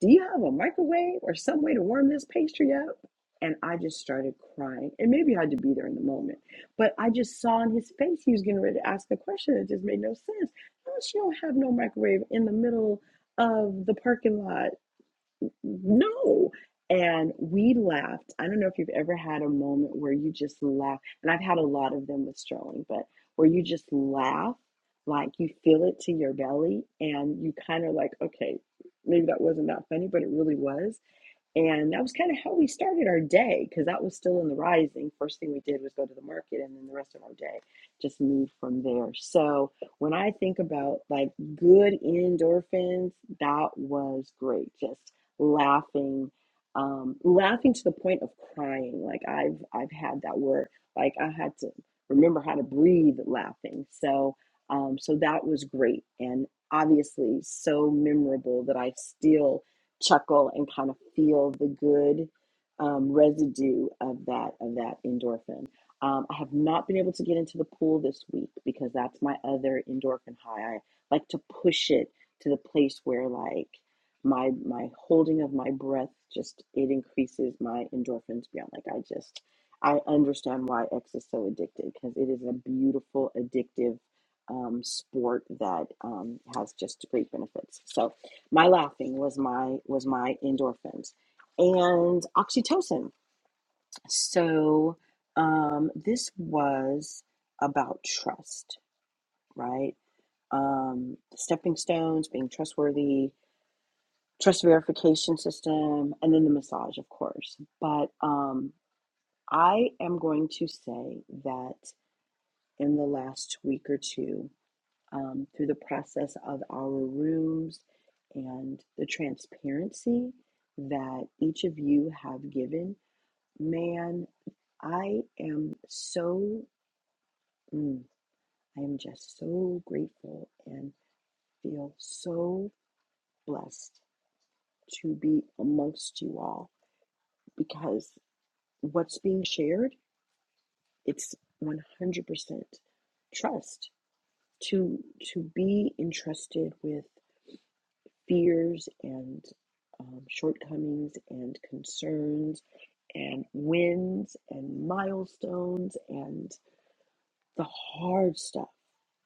S2: Do you have a microwave or some way to warm this pastry up? And I just started crying. And maybe I had to be there in the moment. But I just saw in his face he was getting ready to ask a question that just made no sense. Unless you don't have no microwave in the middle of the parking lot no. And we laughed. I don't know if you've ever had a moment where you just laugh, and I've had a lot of them with Sterling, but where you just laugh, like you feel it to your belly, and you kind of like, okay, maybe that wasn't that funny, but it really was and that was kind of how we started our day because that was still in the rising. First thing we did was go to the market, and then the rest of our day just moved from there. So when I think about like good endorphins, that was great. Just laughing, um, laughing to the point of crying. Like I've I've had that word. Like I had to remember how to breathe laughing. So um, so that was great, and obviously so memorable that I still chuckle and kind of feel the good um, residue of that of that endorphin. Um, I have not been able to get into the pool this week because that's my other endorphin high. I like to push it to the place where like my my holding of my breath just it increases my endorphins beyond like I just I understand why X is so addicted because it is a beautiful addictive um, sport that um, has just great benefits. So my laughing was my was my endorphins and oxytocin so um, this was about trust right um, stepping stones being trustworthy trust verification system and then the massage of course but um, i am going to say that in the last week or two um, through the process of our rooms and the transparency that each of you have given. Man, I am so, mm, I am just so grateful and feel so blessed to be amongst you all because what's being shared, it's 100% trust to to be entrusted with fears and um, shortcomings and concerns and wins and milestones and the hard stuff.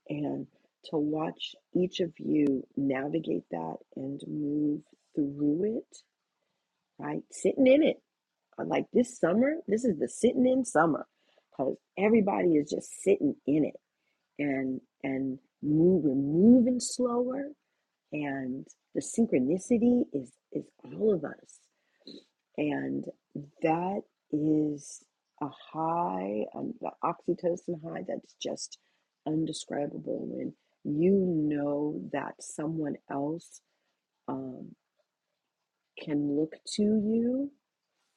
S2: And to watch each of you navigate that and move through it, right? Sitting in it. I'm Like this summer, this is the sitting in summer because everybody is just sitting in it and and move, we're moving slower and the synchronicity is is all of us and that is a high um, the oxytocin high that's just undescribable when you know that someone else um, can look to you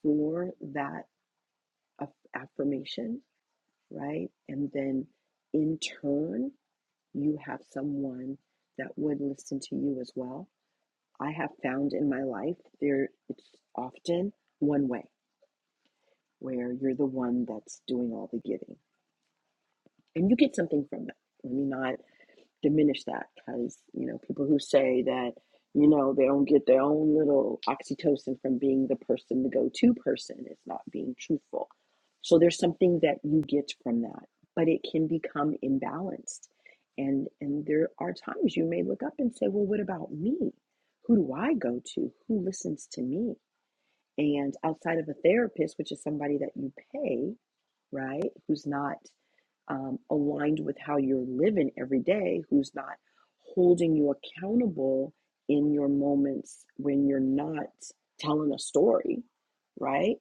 S2: for that af- affirmation right and then in turn you have someone that would listen to you as well I have found in my life there it's often one way where you're the one that's doing all the giving and you get something from that. Let me not diminish that because you know people who say that you know they don't get their own little oxytocin from being the person the go-to person is not being truthful. So there's something that you get from that, but it can become imbalanced. And and there are times you may look up and say, well, what about me? Who do I go to? Who listens to me? And outside of a therapist, which is somebody that you pay, right, who's not um, aligned with how you're living every day, who's not holding you accountable in your moments when you're not telling a story, right,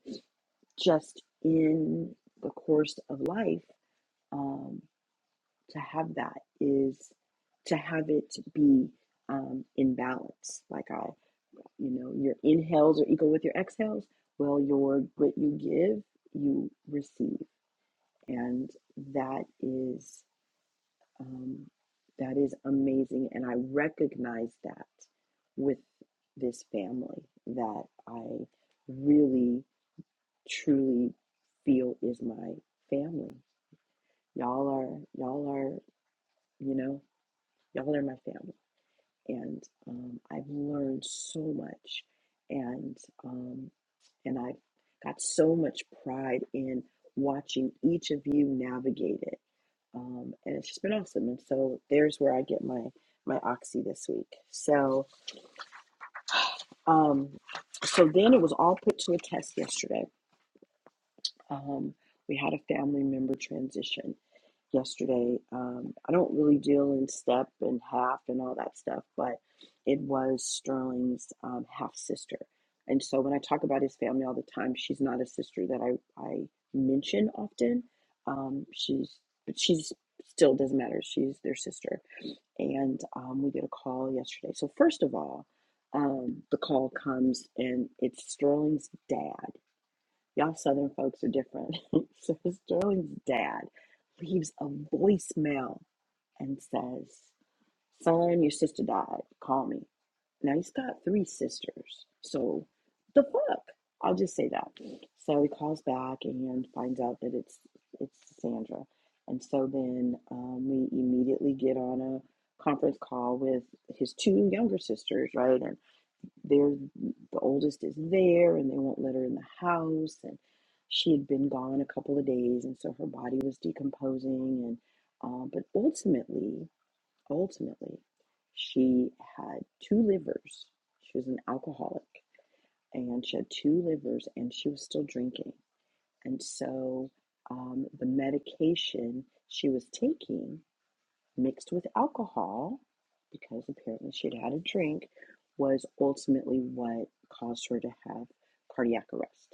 S2: just in the course of life, um, to have that is to have it be um, in balance. Like I you know your inhales are equal with your exhales well your what you give you receive and that is um, that is amazing and i recognize that with this family that i really truly feel is my family y'all are y'all are you know y'all are my family and um, I've learned so much, and um, and I've got so much pride in watching each of you navigate it, um, and it's just been awesome. And so there's where I get my my oxy this week. So um, so then it was all put to a test yesterday. Um, we had a family member transition, yesterday. Um, I don't really deal in step and half and all that stuff, but it was Sterling's um, half sister. And so when I talk about his family all the time, she's not a sister that I, I mention often. Um, she's but she's still doesn't matter. She's their sister, and um, we get a call yesterday. So first of all, um, the call comes and it's Sterling's dad Y'all Southern folks are different. so Sterling's dad leaves a voicemail and says, Son, your sister died. Call me. Now he's got three sisters. So the fuck? I'll just say that. So he calls back and finds out that it's it's Sandra. And so then um, we immediately get on a conference call with his two younger sisters, right? and. They're, the oldest is there and they won't let her in the house. And she had been gone a couple of days. And so her body was decomposing. And, uh, but ultimately, ultimately, she had two livers. She was an alcoholic and she had two livers and she was still drinking. And so um, the medication she was taking mixed with alcohol, because apparently she'd had a drink, was ultimately what caused her to have cardiac arrest.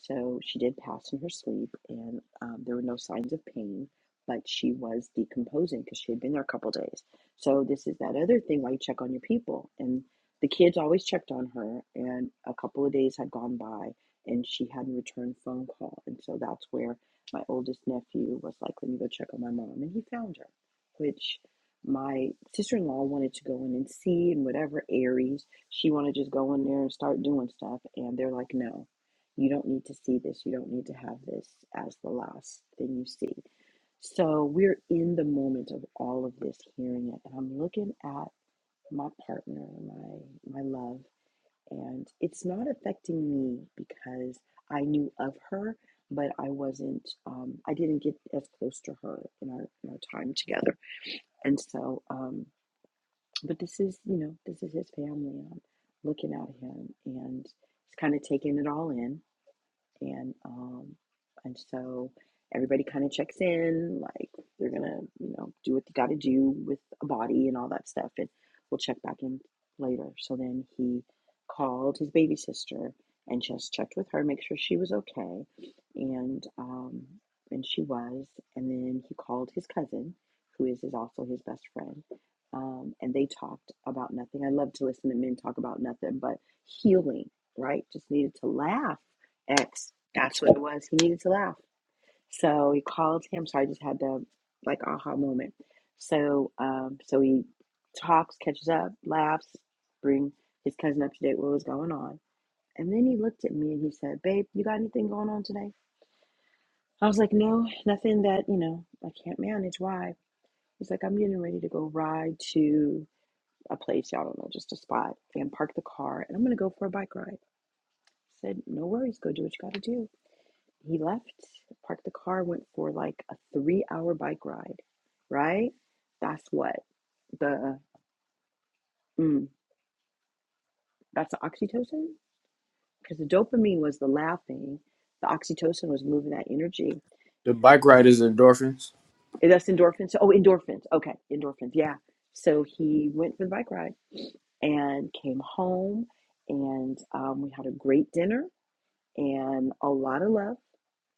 S2: So she did pass in her sleep, and um, there were no signs of pain, but she was decomposing because she had been there a couple days. So this is that other thing why you check on your people. And the kids always checked on her, and a couple of days had gone by, and she hadn't returned phone call. And so that's where my oldest nephew was like, "Let me go check on my mom," and he found her, which. My sister in law wanted to go in and see and whatever Aries, she wanted to just go in there and start doing stuff. And they're like, no, you don't need to see this. You don't need to have this as the last thing you see. So we're in the moment of all of this, hearing it. And I'm looking at my partner, my my love, and it's not affecting me because I knew of her, but I wasn't. Um, I didn't get as close to her in our in our time together. And so, um, but this is you know this is his family. I'm looking at him and. He's kind of taking it all in and um and so everybody kind of checks in like they're gonna you know do what they gotta do with a body and all that stuff and we'll check back in later so then he called his baby sister and just checked with her make sure she was okay and um and she was and then he called his cousin who is, is also his best friend um, and they talked about nothing i love to listen to men talk about nothing but healing right just needed to laugh X that's what it was. He needed to laugh. So he called him. So I just had the like aha moment. So um so he talks, catches up, laughs, bring his cousin up to date what was going on. And then he looked at me and he said, Babe, you got anything going on today? I was like, No, nothing that, you know, I can't manage. Why? He's like, I'm getting ready to go ride to a place, y'all don't know, just a spot, and park the car and I'm gonna go for a bike ride. I said, No worries, go do what you gotta do. He left, parked the car, went for like a three hour bike ride, right? That's what the, mm, that's the oxytocin? Because the dopamine was the laughing, the oxytocin was moving that energy.
S1: The bike ride is endorphins.
S2: Eh, That's endorphins. Oh, endorphins. Okay, endorphins. Yeah. So he went for the bike ride and came home, and um, we had a great dinner and a lot of love.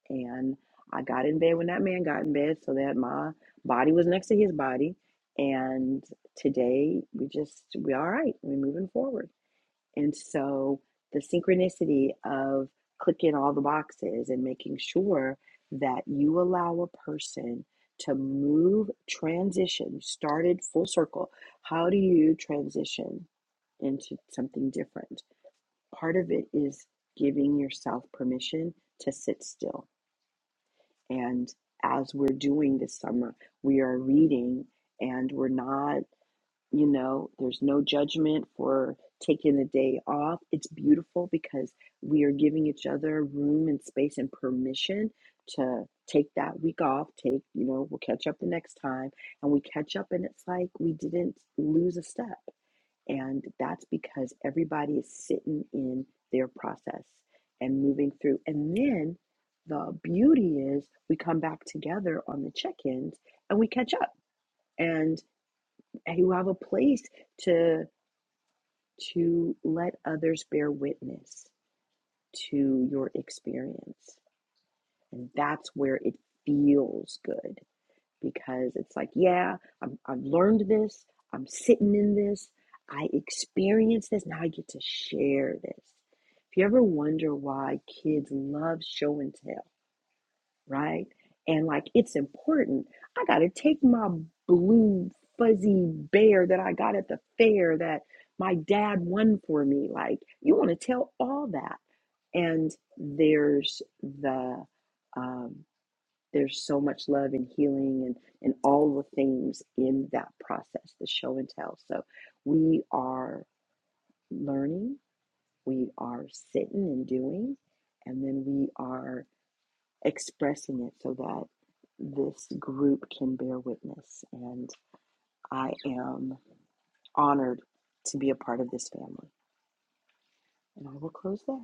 S2: and I got in bed when that man got in bed so that my body was next to his body. And today we just we're all right. We're moving forward. And so the synchronicity of clicking all the boxes and making sure that you allow a person to move transition started full circle. How do you transition into something different? Part of it is giving yourself permission to sit still and as we're doing this summer, we are reading and we're not, you know, there's no judgment for taking a day off. It's beautiful because we are giving each other room and space and permission to take that week off. Take, you know, we'll catch up the next time. And we catch up and it's like we didn't lose a step. And that's because everybody is sitting in their process and moving through. And then the beauty is we come back together on the check-ins and we catch up and you have a place to to let others bear witness to your experience. And that's where it feels good because it's like, yeah, I'm, I've learned this. I'm sitting in this. I experienced this. Now I get to share this. If you ever wonder why kids love show and tell, right? And like, it's important. I got to take my blue fuzzy bear that I got at the fair that my dad won for me. Like, you want to tell all that. And there's the, um, there's so much love and healing and, and all the things in that process, the show and tell. So we are learning, we are sitting and doing, and then we are expressing it so that this group can bear witness. And I am honored to be a part of this family. And I will close there.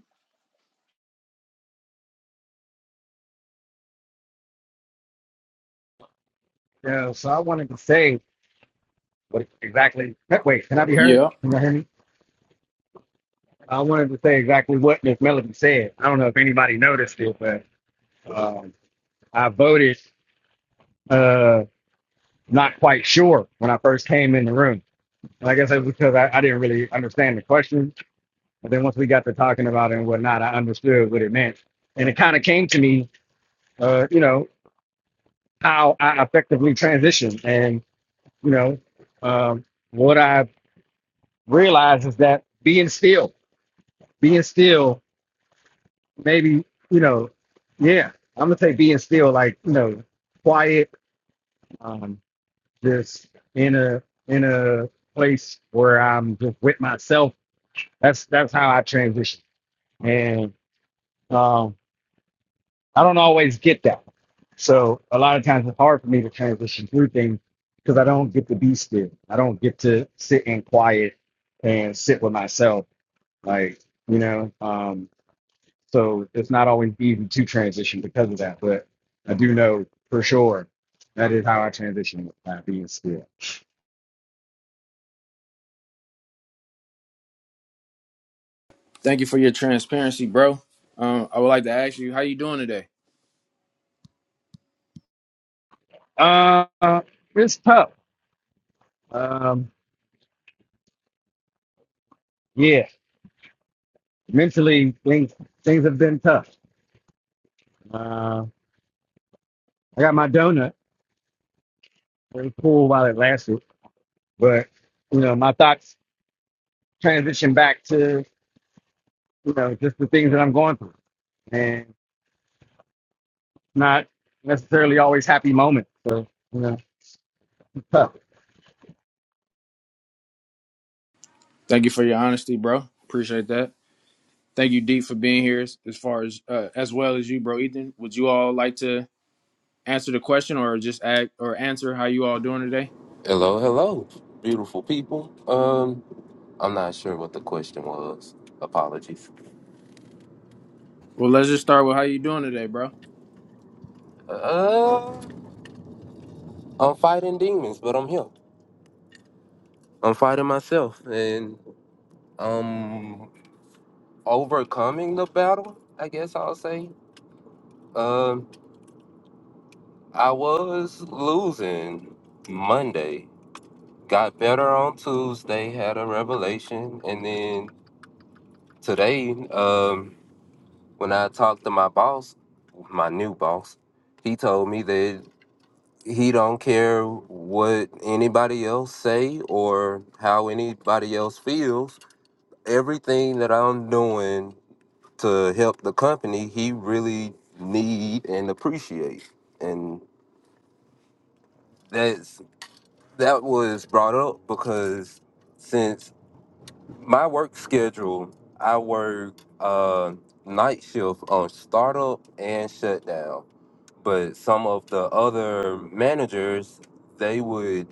S3: Yeah, so I wanted to say what exactly. Wait, can I be heard?
S1: Yeah.
S3: Can you hear me? I wanted to say exactly what Miss Melody said. I don't know if anybody noticed it, but um, I voted uh, not quite sure when I first came in the room. And I guess that's because I, I didn't really understand the question. But then once we got to talking about it and whatnot, I understood what it meant. And it kind of came to me, uh, you know, how I effectively transitioned. And, you know, um, what I realized is that being still being still, maybe, you know, yeah, I'm gonna say being still, like, you know, quiet, um, just in a in a place where I'm just with myself. That's that's how I transition. And um I don't always get that. So a lot of times it's hard for me to transition through things because I don't get to be still. I don't get to sit in quiet and sit with myself. Like, you know, um So it's not always easy to transition because of that. But I do know for sure that is how I transition with my being still.
S1: Thank you for your transparency, bro. Um, I would like to ask you, how you doing today?
S3: Uh, it's tough. Um, yeah, mentally things things have been tough. Uh, I got my donut. It was cool while it lasted, but you know my thoughts transition back to you know just the things that I'm going through, and not necessarily always happy moments. So you know, it's tough.
S1: Thank you for your honesty, bro. Appreciate that. Thank you, D, for being here. As as far as uh, as well as you, bro, Ethan. Would you all like to answer the question or just act or answer how you all doing today?
S4: Hello, hello, beautiful people. Um, I'm not sure what the question was. Apologies.
S1: Well, let's just start with how you doing today, bro.
S4: Uh, I'm fighting demons, but I'm here. I'm fighting myself, and I'm overcoming the battle. I guess I'll say. Um, I was losing Monday. Got better on Tuesday. Had a revelation, and then today, um, when I talked to my boss, my new boss, he told me that he don't care what anybody else say or how anybody else feels everything that i'm doing to help the company he really need and appreciate and that's that was brought up because since my work schedule i work uh night shift on startup and shutdown but some of the other managers they would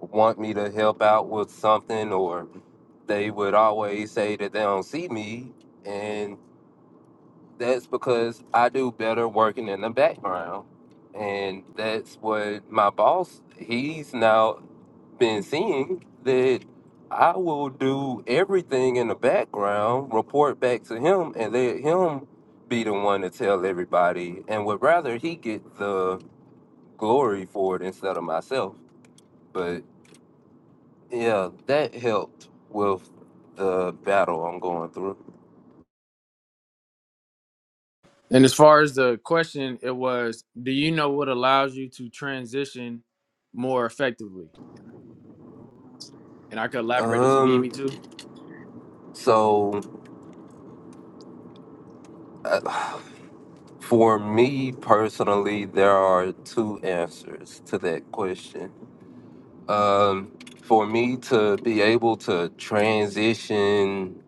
S4: want me to help out with something or they would always say that they don't see me and that's because I do better working in the background and that's what my boss he's now been seeing that I will do everything in the background report back to him and let him be the one to tell everybody and would rather he get the glory for it instead of myself but. Yeah, that helped with the battle I'm going through.
S1: And as far as the question, it was, do you know what allows you to transition more effectively? And I could elaborate if you need me
S4: Um,
S1: to.
S4: so uh, for me personally, there are two answers to that question. Um, for me to be able to transition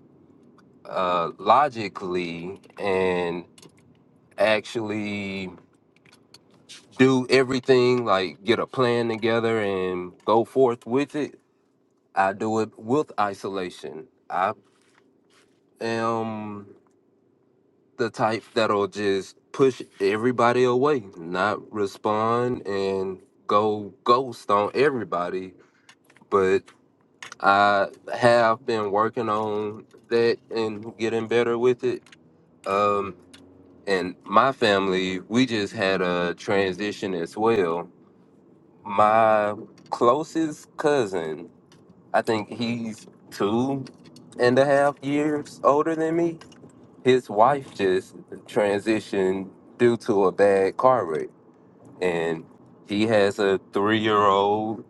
S4: uh, logically and actually do everything, like get a plan together and go forth with it, I do it with isolation. I am the type that'll just push everybody away, not respond and go ghost on everybody. But I have been working on that and getting better with it. Um, and my family, we just had a transition as well. My closest cousin, I think he's two and a half years older than me his wife just transitioned due to a bad car wreck and he has a three-year-old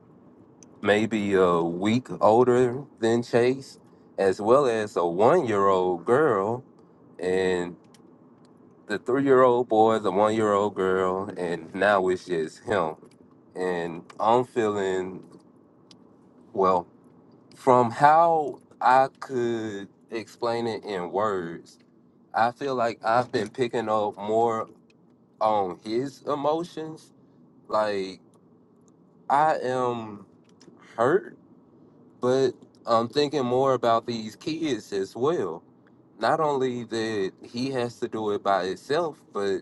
S4: maybe a week older than chase as well as a one-year-old girl and the three-year-old boy the one-year-old girl and now it's just him and i'm feeling well from how i could explain it in words I feel like I've been picking up more on his emotions. Like I am hurt, but I'm thinking more about these kids as well. Not only that he has to do it by himself, but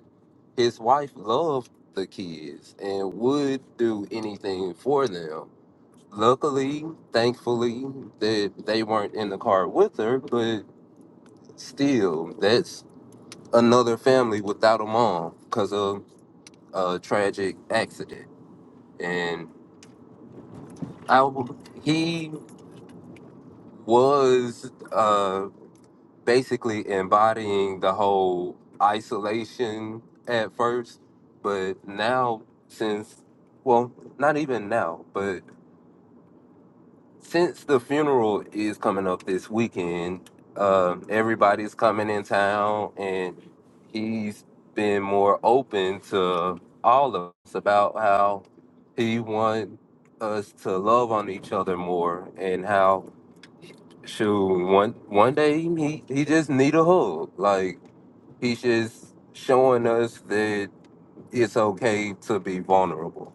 S4: his wife loved the kids and would do anything for them. Luckily, thankfully, that they weren't in the car with her, but still, that's another family without a mom because of a tragic accident. and. I, w- he was uh, basically embodying the whole isolation at first, but now, since, well, not even now, but since the funeral is coming up this weekend, um, everybody's coming in town, and he's been more open to all of us about how he wants us to love on each other more and how Shoot, one one day he he just need a hug. Like he's just showing us that it's okay to be vulnerable,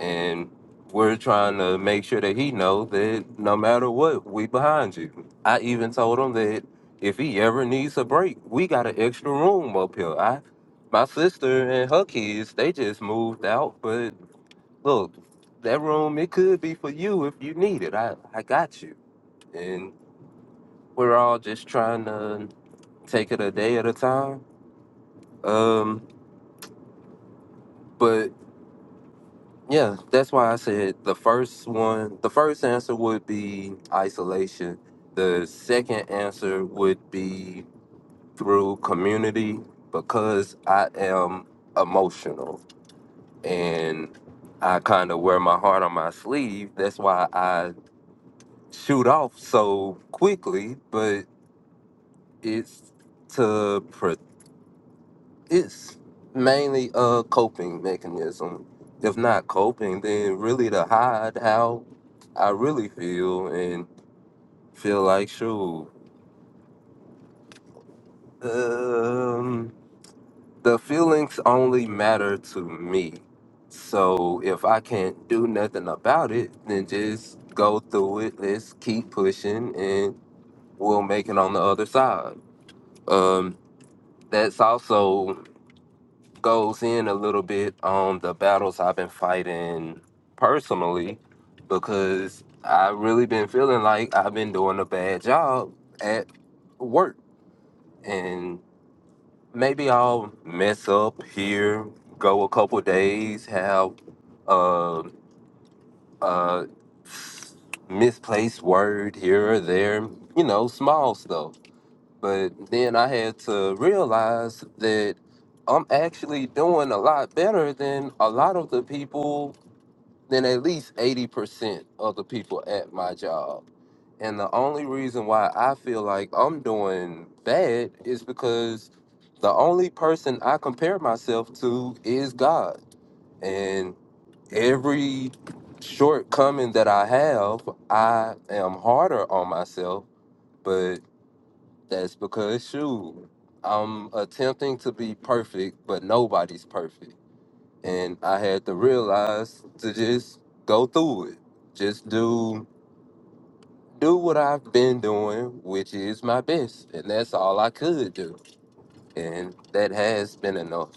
S4: and we're trying to make sure that he know that no matter what, we behind you. I even told him that if he ever needs a break, we got an extra room up here. I, my sister and her kids, they just moved out, but look, that room it could be for you if you need it. I I got you, and we're all just trying to take it a day at a time. Um, but yeah, that's why I said the first one, the first answer would be isolation. The second answer would be through community because I am emotional and I kind of wear my heart on my sleeve. That's why I shoot off so quickly, but it's to it's mainly a coping mechanism. If not coping, then really to hide how I really feel and feel like, shoot, um, the feelings only matter to me. So if I can't do nothing about it, then just go through it. Let's keep pushing and we'll make it on the other side. Um, that's also goes in a little bit on the battles I've been fighting personally because I've really been feeling like I've been doing a bad job at work. And maybe I'll mess up here, go a couple days, have a, a misplaced word here or there, you know, small stuff. But then I had to realize that I'm actually doing a lot better than a lot of the people than at least 80% of the people at my job. And the only reason why I feel like I'm doing bad is because the only person I compare myself to is God. And every shortcoming that I have, I am harder on myself, but that's because, shoot, I'm attempting to be perfect, but nobody's perfect and I had to realize to just go through it. Just do do what I've been doing, which is my best, and that's all I could do, and that has been enough.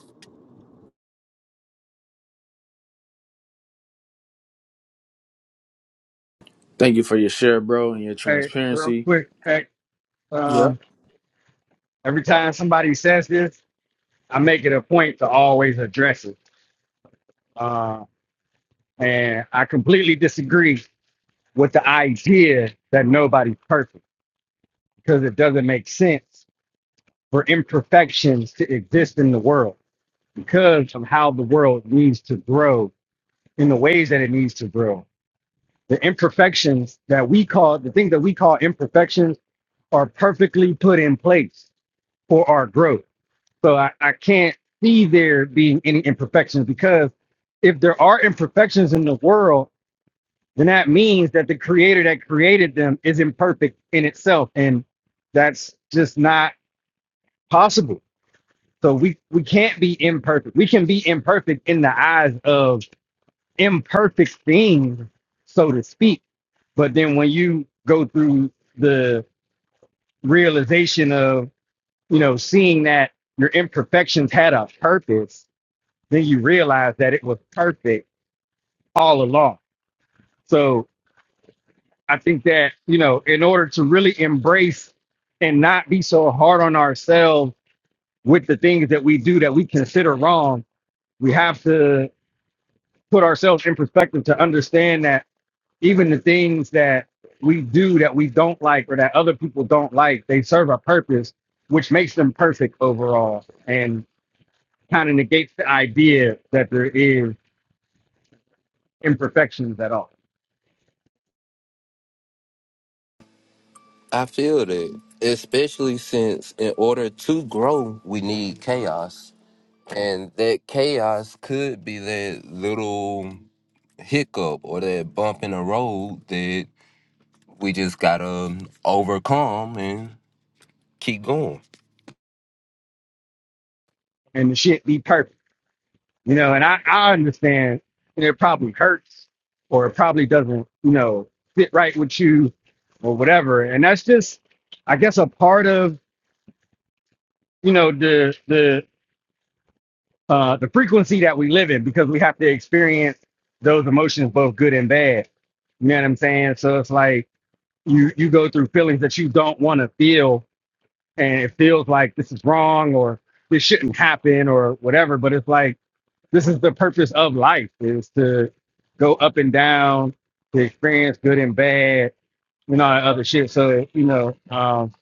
S1: Thank you for your share, bro, and your
S3: Hey, real
S1: transparency.
S3: quick, hey,
S1: Yeah,
S3: um, every time somebody says this, I make it a point to always address it. Uh, and I completely disagree with the idea that nobody's perfect because it doesn't make sense for imperfections to exist in the world because of how the world needs to grow in the ways that it needs to grow. The imperfections that we call, the things that we call imperfections, are perfectly put in place for our growth So I, I can't see there being any imperfections because if there are imperfections in the world, then that means that the creator that created them is imperfect in itself. And that's just not possible. So we, we can't be imperfect. We can be imperfect in the eyes of imperfect things, so to speak. But then when you go through the realization of, you know, seeing that your imperfections had a purpose then you realize that it was perfect all along. So I think that, you know, in order to really embrace and not be so hard on ourselves with the things that we do that we consider wrong, we have to put ourselves in perspective to understand that even the things that we do that we don't like or that other people don't like, they serve a purpose, which makes them perfect overall and kind of negates the idea that there is imperfections at all.
S4: I feel that, especially since in order to grow, we need chaos, and that chaos could be that little hiccup or that bump in the road that we just gotta overcome and keep going.
S3: And the shit be perfect. You know, and I, I understand and it probably hurts or it probably doesn't, you know, fit right with you or whatever. And that's just I guess a part of, you know, the the uh the frequency that we live in because we have to experience those emotions both good and bad. You know what I'm saying? So it's like you you go through feelings that you don't want to feel and it feels like this is wrong or this shouldn't happen or whatever, but it's like this is the purpose of life is to go up and down to experience good and bad and all that other shit so you know um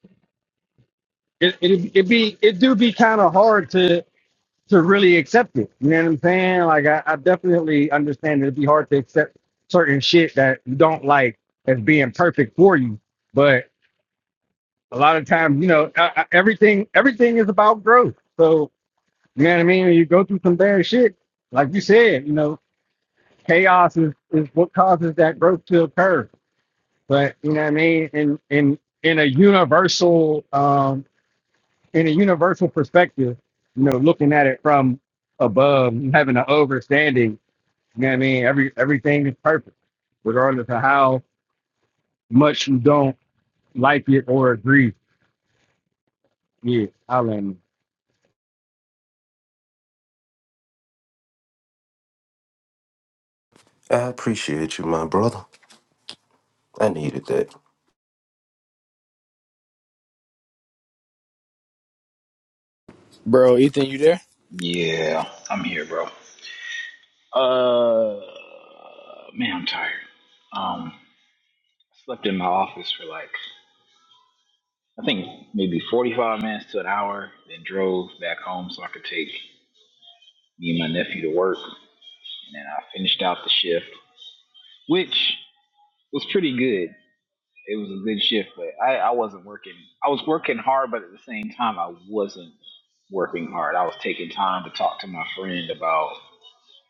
S3: it it, it be it do be kind of hard to to really accept it you know what i'm saying like i, I definitely understand it'd be hard to accept certain shit that you don't like as being perfect for you but a lot of times you know I, I, everything everything is about growth so you know what i mean when you go through some bad shit like you said you know chaos is, is what causes that growth to occur. But you know what I mean? In in in a universal um in a universal perspective, you know, looking at it from above, having an overstanding, you know what I mean? Every everything is perfect, regardless of how much you don't like it or agree. Yeah, I learned.
S4: I appreciate you, my brother. I needed that.
S1: bro, Ethan, you there?
S5: Yeah, I'm here, bro. Uh, man, I'm tired. Um, I slept in my office for like I think maybe 45 minutes to an hour, then drove back home so I could take me and my nephew to work, and then I finished out the shift, which was pretty good. It was a good shift, but I, I wasn't working. I was working hard, but at the same time, I wasn't working hard. I was taking time to talk to my friend about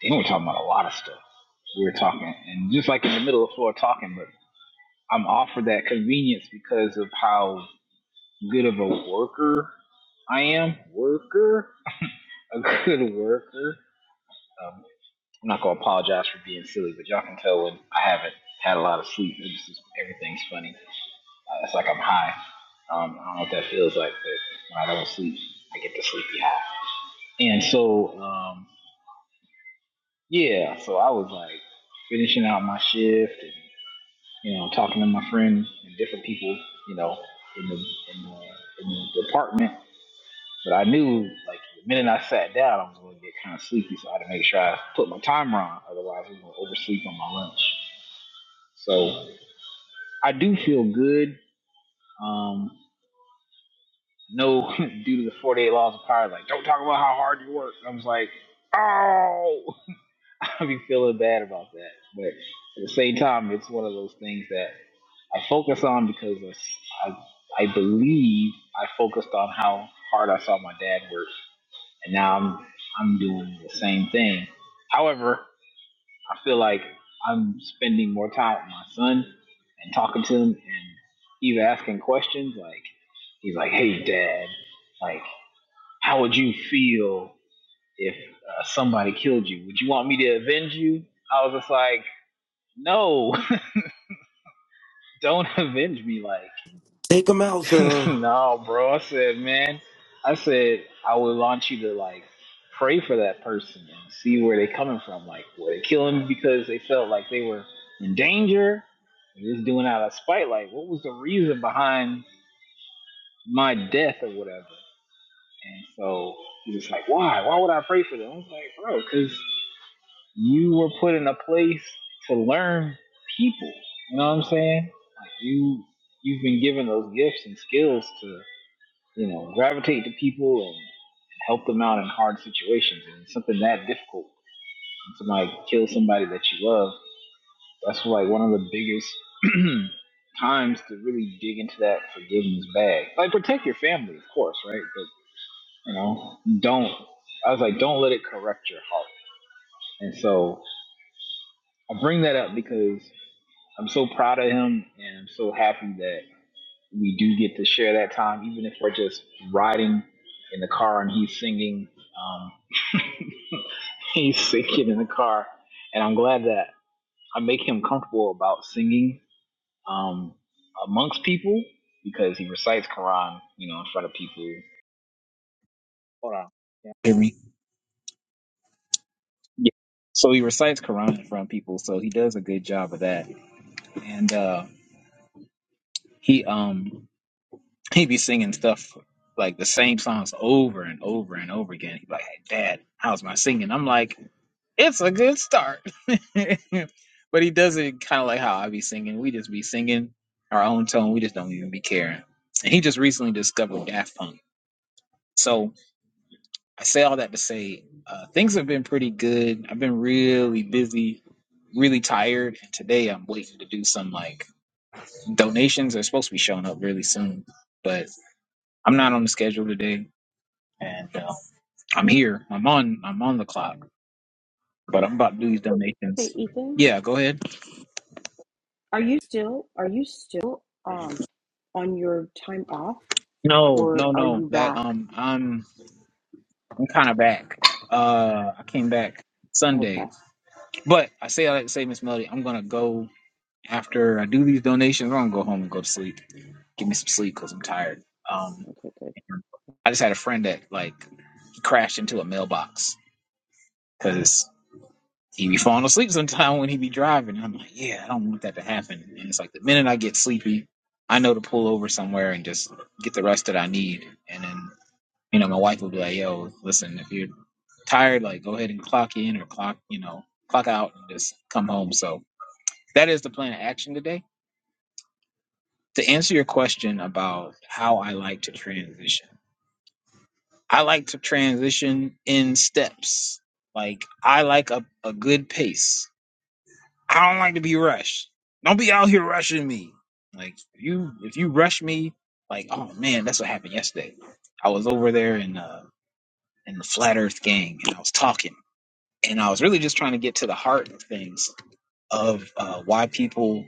S5: We were talking about a lot of stuff. We were talking, and just like in the middle of the floor talking, but I'm offered that convenience because of how good of a worker I am. Worker, a good worker. Um, I'm not gonna apologize for being silly, but y'all can tell when I haven't had a lot of sleep. It's just everything's funny. Uh, it's like I'm high. Um, I don't know what that feels like, but when I don't sleep, I get the sleepy high. And so, um, yeah, so I was like finishing out my shift. and you know, talking to my friends and different people, you know, in the in the, in the department. But I knew like the minute I sat down, I was going to get kind of sleepy, so I had to make sure I put my timer on. Otherwise, I was going to oversleep on my lunch. So I do feel good. Um, no, due to the 48 laws of power, like don't talk about how hard you work. I was like, oh. I be feeling bad about that. But at the same time, it's one of those things that I focus on because it's- I, I believe I focused on how hard I saw my dad work, and now I'm I'm doing the same thing. However, I feel like I'm spending more time with my son and talking to him and even asking questions. Like he's like, "Hey, Dad, like how would you feel?" if uh, somebody killed you? Would you want me to avenge you? I was just like, no, don't avenge me.
S4: Take him out,
S5: Like,
S4: son.
S5: no, bro. I said, man, I said, I would want you to like pray for that person and see where they're coming from. Like, were they killing because they felt like they were in danger? Or just doing it out of spite? Like, what was the reason behind my death or whatever? And so he was like, why? Why would I pray for them? I was like, bro, because You were put in a place to learn people. You know what I'm saying? Like you you've been given those gifts and skills to, you know, gravitate to people and help them out in hard situations. And it's something that difficult. When somebody kills somebody that you love, that's like one of the biggest times to really dig into that forgiveness bag. Like protect your family, of course, right? But you know, don't I was like, don't let it correct your heart. And so I bring that up because I'm so proud of him, and I'm so happy that we do get to share that time, even if we're just riding in the car and he's singing. Um, he's singing in the car, and I'm glad that I make him comfortable about singing um, amongst people because he recites Quran, you know, in front of people. Hold on, Can hear me? Yeah. So he recites Quran in front of people, so he does a good job of that, and uh, he um He be singing stuff like the same songs over and over and over again. He be like, hey, Dad, how's my singing? I'm like, it's a good start. but he does it kind of like how I be singing. We just be singing our own tone. We just don't even be caring. And he just recently discovered Daft Punk. So I say all that to say uh, things have been pretty good. I've been really busy really tired and today i'm waiting to do some like donations are supposed to be showing up really soon but i'm not on the schedule today and uh, I'm here. I'm on. I'm on the clock, but I'm about to do these
S2: Hey
S5: donations.
S2: Ethan,
S5: Yeah, go ahead.
S2: are you still are you still um on your time off
S5: No,
S2: or
S5: no,
S2: are
S5: no.
S2: you
S5: That
S2: back?
S5: um, I'm I'm kind of back. Uh, I came back
S2: Okay.
S5: Sunday, but I say I like to say Miss Melody, I'm gonna go after I do these donations. I'm gonna go home and go to sleep. Give me some sleep because I'm tired. Um,
S2: Okay. Good.
S5: I just had a friend that like crashed into a mailbox cause. he be falling asleep sometime when he be driving. And I'm like, yeah, I don't want that to happen. And it's like the minute I get sleepy, I know to pull over somewhere and just get the rest that I need. And then, you know, my wife will be like, yo, listen, if you're tired, like go ahead and clock in or clock, you know, clock out and just come home. So that is the plan of action today. To answer your question about how I like to transition, I like to transition in steps. Like I like a, a good pace I don't like to be rushed. Don't be out here rushing me. Like if you if you rush me, like oh man, that's what happened yesterday. I was over there in uh in the flat Earth gang, and I was talking, and I was really just trying to get to the heart of things of uh, why people.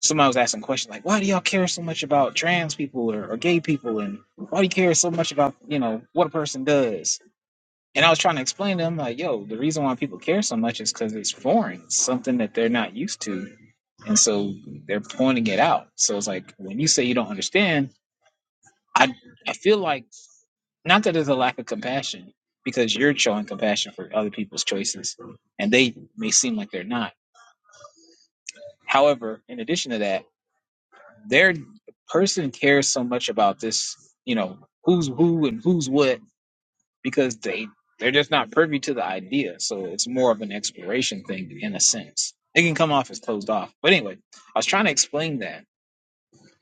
S5: Somebody was asking questions like, "Why do y'all care so much about trans people or, or gay people, and why do you care so much about you know what a person does?" And I was trying to explain to him, like, yo, the reason why people care so much is because it's foreign, it's something that they're not used to. And so they're pointing it out. So it's like, when you say you don't understand, I, I feel like, not that there's a lack of compassion, because you're showing compassion for other people's choices, and they may seem like they're not. However, in addition to that, their person cares so much about this, you know, who's who and who's what because they they're just not privy to the idea. So it's more of an exploration thing in a sense. It can come off as closed off. But anyway, I was trying to explain that.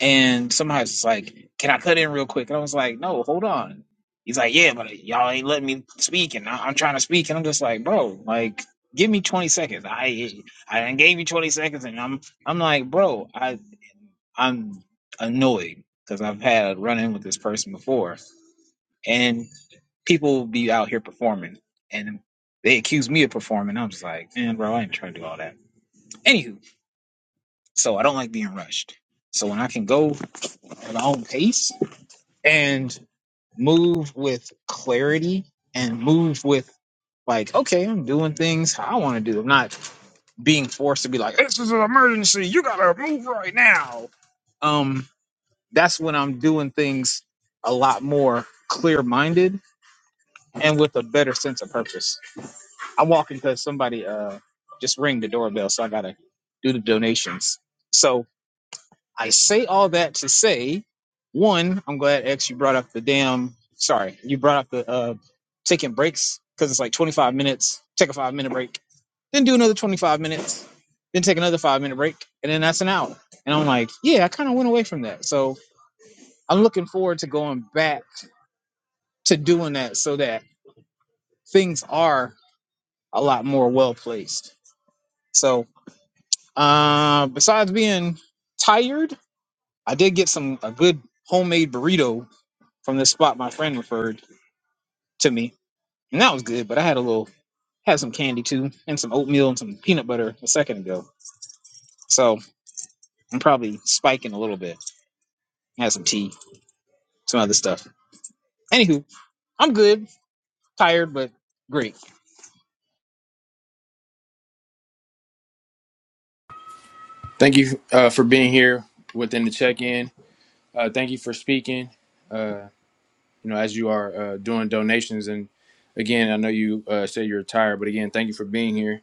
S5: And somebody's like, Can I cut in real quick? And I was like, No, hold on. He's like, Yeah, but y'all ain't letting me speak and I- I'm trying to speak. And I'm just like, bro, like give me 20 seconds. I I done gave you 20 seconds and I'm I'm like, bro, I I'm annoyed because I've had a run in with this person before and people will be out here performing, and they accuse me of performing. I'm just like, man, bro, I ain't trying to do all that. Anywho, so I don't like being rushed. So when I can go at my own pace and move with clarity and move with like, okay, I'm doing things how I want to do. I'm not being forced to be like, this is an emergency. You gotta move right now. Um, that's when I'm doing things a lot more clear minded and with a better sense of purpose. I'm walking because somebody uh just ring the doorbell, so I gotta do the donations. So I say all that to say, one, I'm glad X you brought up the damn. Sorry, you brought up the uh taking breaks because it's like 25 minutes. Take a five minute break, then do another 25 minutes, then take another five minute break, and then that's an hour. And I'm like, yeah, I kind of went away from that. So I'm looking forward to going back to doing that so that things are a lot more well placed. So Uh, besides being tired, I did get some a good homemade burrito from this spot my friend referred to me, and that was good. But I had a little had some candy too, and some oatmeal and some peanut butter a second ago. So I'm probably spiking a little bit. I had some tea, some other stuff. Anywho, I'm good, tired, but great.
S1: Thank you uh, for being here within the check-in. Uh, thank you for speaking. Uh, you know, as you are uh, doing donations. And again, I know you uh, say you're retired, but again, thank you for being here.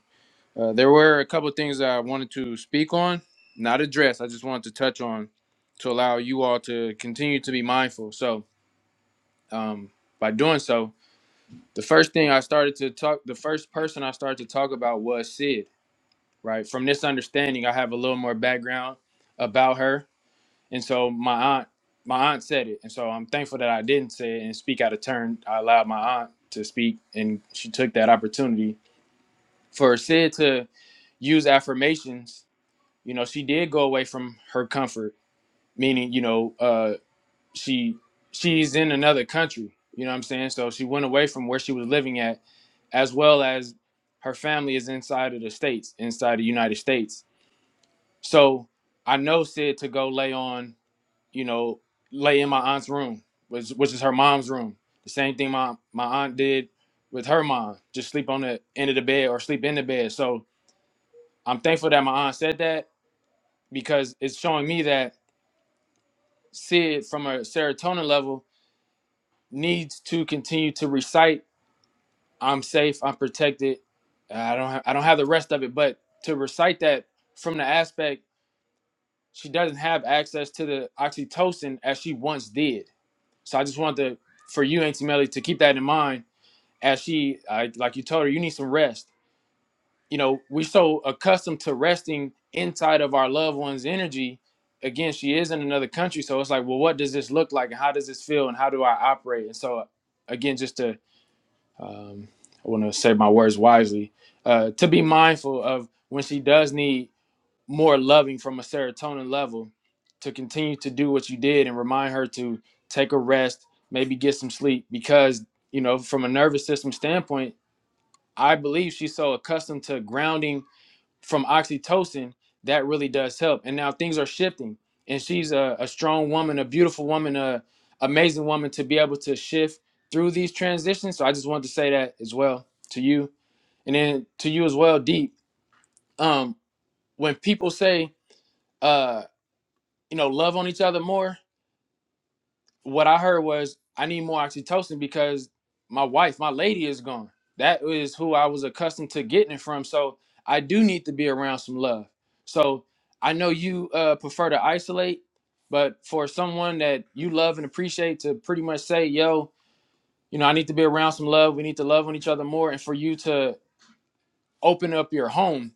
S1: Uh, there were a couple of things that I wanted to speak on, not address. I just wanted to touch on to allow you all to continue to be mindful. So, um, by doing so, the first thing I started to talk, the first person I started to talk about was Sid, right? From this understanding, I have a little more background about her and so my aunt, my aunt said it, and so I'm thankful that I didn't say it and speak out of turn. I allowed my aunt to speak, and she took that opportunity for Sid to use affirmations. You know, she did go away from her comfort, meaning you know, uh, she she's in another country. You know what I'm saying? So she went away from where she was living at, as well as her family is inside of the states, inside the United States. So I know Sid to go lay on you know, lay in my aunt's room, which which is her mom's room. The same thing my my aunt did with her mom, just sleep on the end of the bed or sleep in the bed. So I'm thankful that my aunt said that because it's showing me that Sid from a serotonin level needs to continue to recite, I'm safe, I'm protected. I don't have, I don't have the rest of it, but to recite that from the aspect she doesn't have access to the oxytocin as she once did So I just wanted to, for you, Auntie Melly, to keep that in mind as she, I, like you told her, you need some rest. You know, we're so accustomed to resting inside of our loved one's energy. Again, she is in another country. So it's like, well, what does this look like? And how does this feel? And how do I operate? And so, again, just to, um, I want to say my words wisely, uh, to be mindful of when she does need more loving from a serotonin level to continue to do what you did and remind her to take a rest, maybe get some sleep because, you know, from a nervous system standpoint, I believe she's so accustomed to grounding from oxytocin that really does help. And now things are shifting and she's a, a strong woman, a beautiful woman, a amazing woman to be able to shift through these transitions. So I just wanted to say that as well to you. And then to you as well, Deep. Um, when people say, uh. you know, love on each other more, what I heard was I need more oxytocin because my wife, my lady is gone. That is who I was accustomed to getting it from. So I do need to be around some love. So I know you uh, prefer to isolate, but for someone that you love and appreciate to pretty much say, yo, you know, I need to be around some love. We need to love on each other more. And for you to open up your home,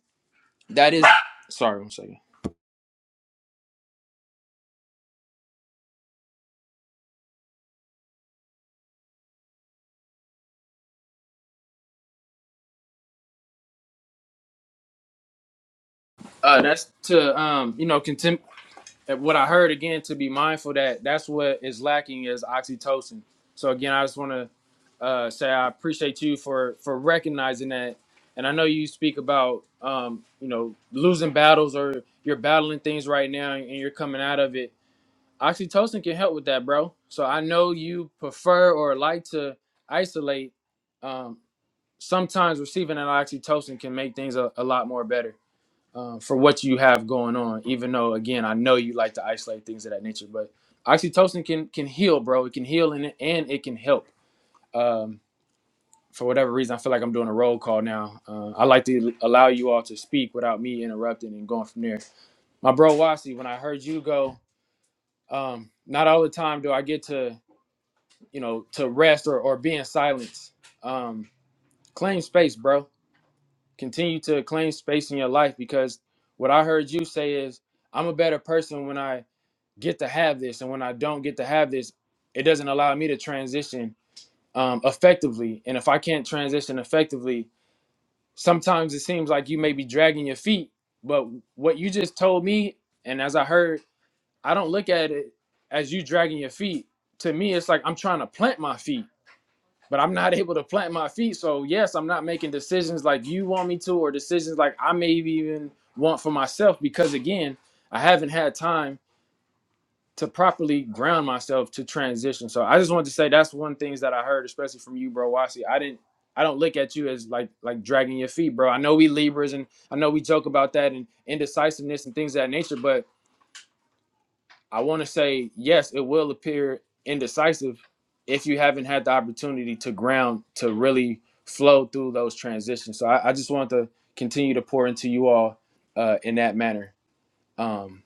S1: that is, sorry, one second. Uh, that's to, um, you know, continue what I heard again to be mindful that that's what is lacking is oxytocin. So again, I just want to uh, say I appreciate you for for recognizing that. And I know you speak about um, you know losing battles or you're battling things right now and you're coming out of it. Oxytocin can help with that, bro. So I know you prefer or like to isolate. Um, sometimes receiving an oxytocin can make things a, a lot more better um, for what you have going on. Even though, again, I know you like to isolate things of that nature, but oxytocin can can heal, bro. It can heal and and it can help. Um, for whatever reason, I feel like I'm doing a roll call now. Uh, I like to allow you all to speak without me interrupting and going from there. My bro Wasi, when I heard you go, um, not all the time do I get to you know to rest or or be in silence. Um, claim space, bro. Continue to claim space in your life because what I heard you say is I'm a better person when I get to have this and when i don't get to have this it doesn't allow me to transition um, effectively and if i can't transition effectively sometimes it seems like you may be dragging your feet but what you just told me and as i heard i don't look at it as you dragging your feet to me it's like i'm trying to plant my feet but i'm not able to plant my feet so yes i'm not making decisions like you want me to or decisions like i may even want for myself because again i haven't had time to properly ground myself to transition. So I just wanted to say that's one things that I heard, especially from you, bro. Wasi. I didn't I don't look at you as like like dragging your feet, bro. I know we Libras and I know we joke about that and indecisiveness and things of that nature, but I want to say yes, it will appear indecisive if you haven't had the opportunity to ground to really flow through those transitions. So I, I just want to continue to pour into you all uh, in that manner. Um,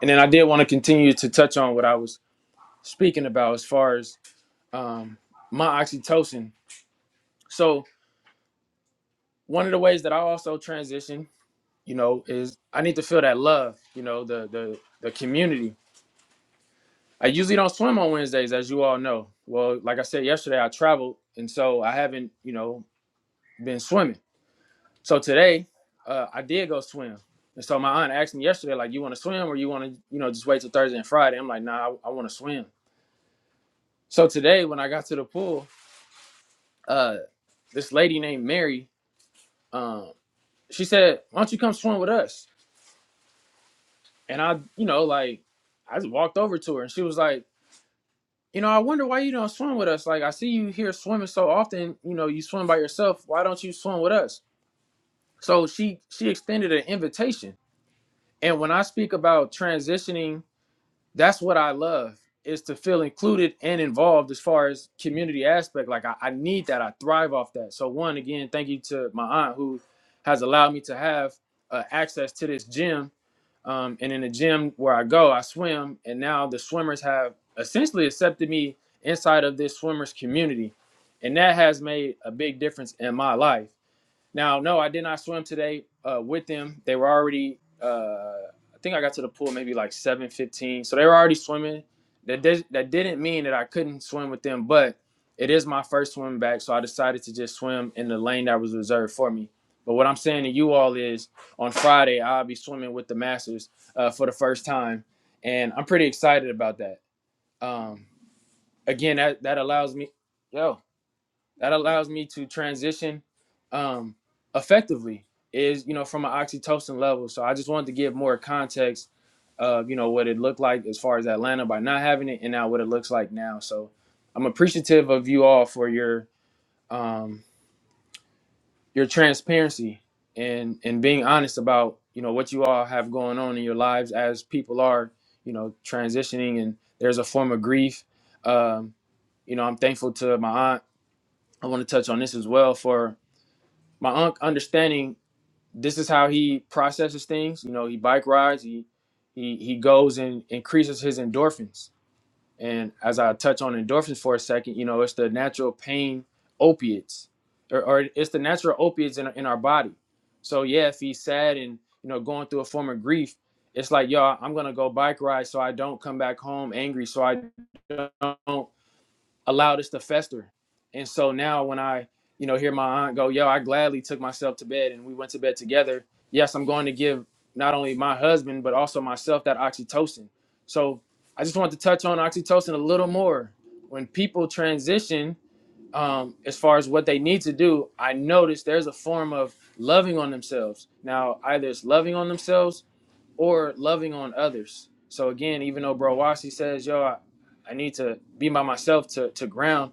S1: and then I did want to continue to touch on what I was speaking about as far as um, my oxytocin. So one of the ways that I also transition, you know, is I need to feel that love, you know, the the the community. I usually don't swim on Wednesdays, as you all know. Well, like I said yesterday, I traveled, and so I haven't, you know, been swimming. So today, uh, I did go swim, and so my aunt asked me yesterday, like, you want to swim or you want to, you know, just wait till Thursday and Friday? I'm like, nah, I, I want to swim. So today, when I got to the pool, uh, this lady named Mary. um, she said, "Why don't you come swim with us?" And I, you know, like I just walked over to her, and she was like, "You know, I wonder why you don't swim with us. Like I see you here swimming so often. You know, you swim by yourself. Why don't you swim with us?" So she she extended an invitation. And when I speak about transitioning, that's what I love is to feel included and involved as far as community aspect. Like I, I need that. I thrive off that. So one again, thank you to my aunt who has allowed me to have uh, access to this gym Um, and in the gym where I go, I swim, and now the swimmers have essentially accepted me inside of this swimmers community, and that has made a big difference in my life. Now, no, I did not swim today uh, with them. They were already. Uh, I think I got to the pool maybe like seven fifteen, so they were already swimming. That did, that didn't mean that I couldn't swim with them, but it is my first swim back, so I decided to just swim in the lane that was reserved for me. But what I'm saying to you all is, on Friday I'll be swimming with the Masters uh, for the first time, and I'm pretty excited about that. Um, again, that that allows me. Yo, that allows me to transition um, effectively is you know from an oxytocin level so i just wanted to give more context of you know what it looked like as far as atlanta by not having it and now what it looks like now so i'm appreciative of you all for your um, your transparency and and being honest about you know what you all have going on in your lives as people are you know transitioning and there's a form of grief um, you know i'm thankful to my aunt i want to touch on this as well for my unc understanding this is how he processes things you know he bike rides he he he goes and increases his endorphins and as i touch on endorphins for a second you know it's the natural pain opiates or, or it's the natural opiates in, in our body so yeah if he's sad and you know going through a form of grief it's like yo i'm gonna go bike ride so i don't come back home angry so i don't allow this to fester. And so now when I, you know, hear my aunt go, yo, I gladly took myself to bed and we went to bed together. Yes, I'm going to give not only my husband, but also myself that oxytocin. So I just want to touch on oxytocin a little more. When people transition um, as far as what they need to do, I notice there's a form of loving on themselves. Now, either it's loving on themselves or loving on others. So again, even though Bro Wasi says, "Yo, I, I need to be by myself to to ground,"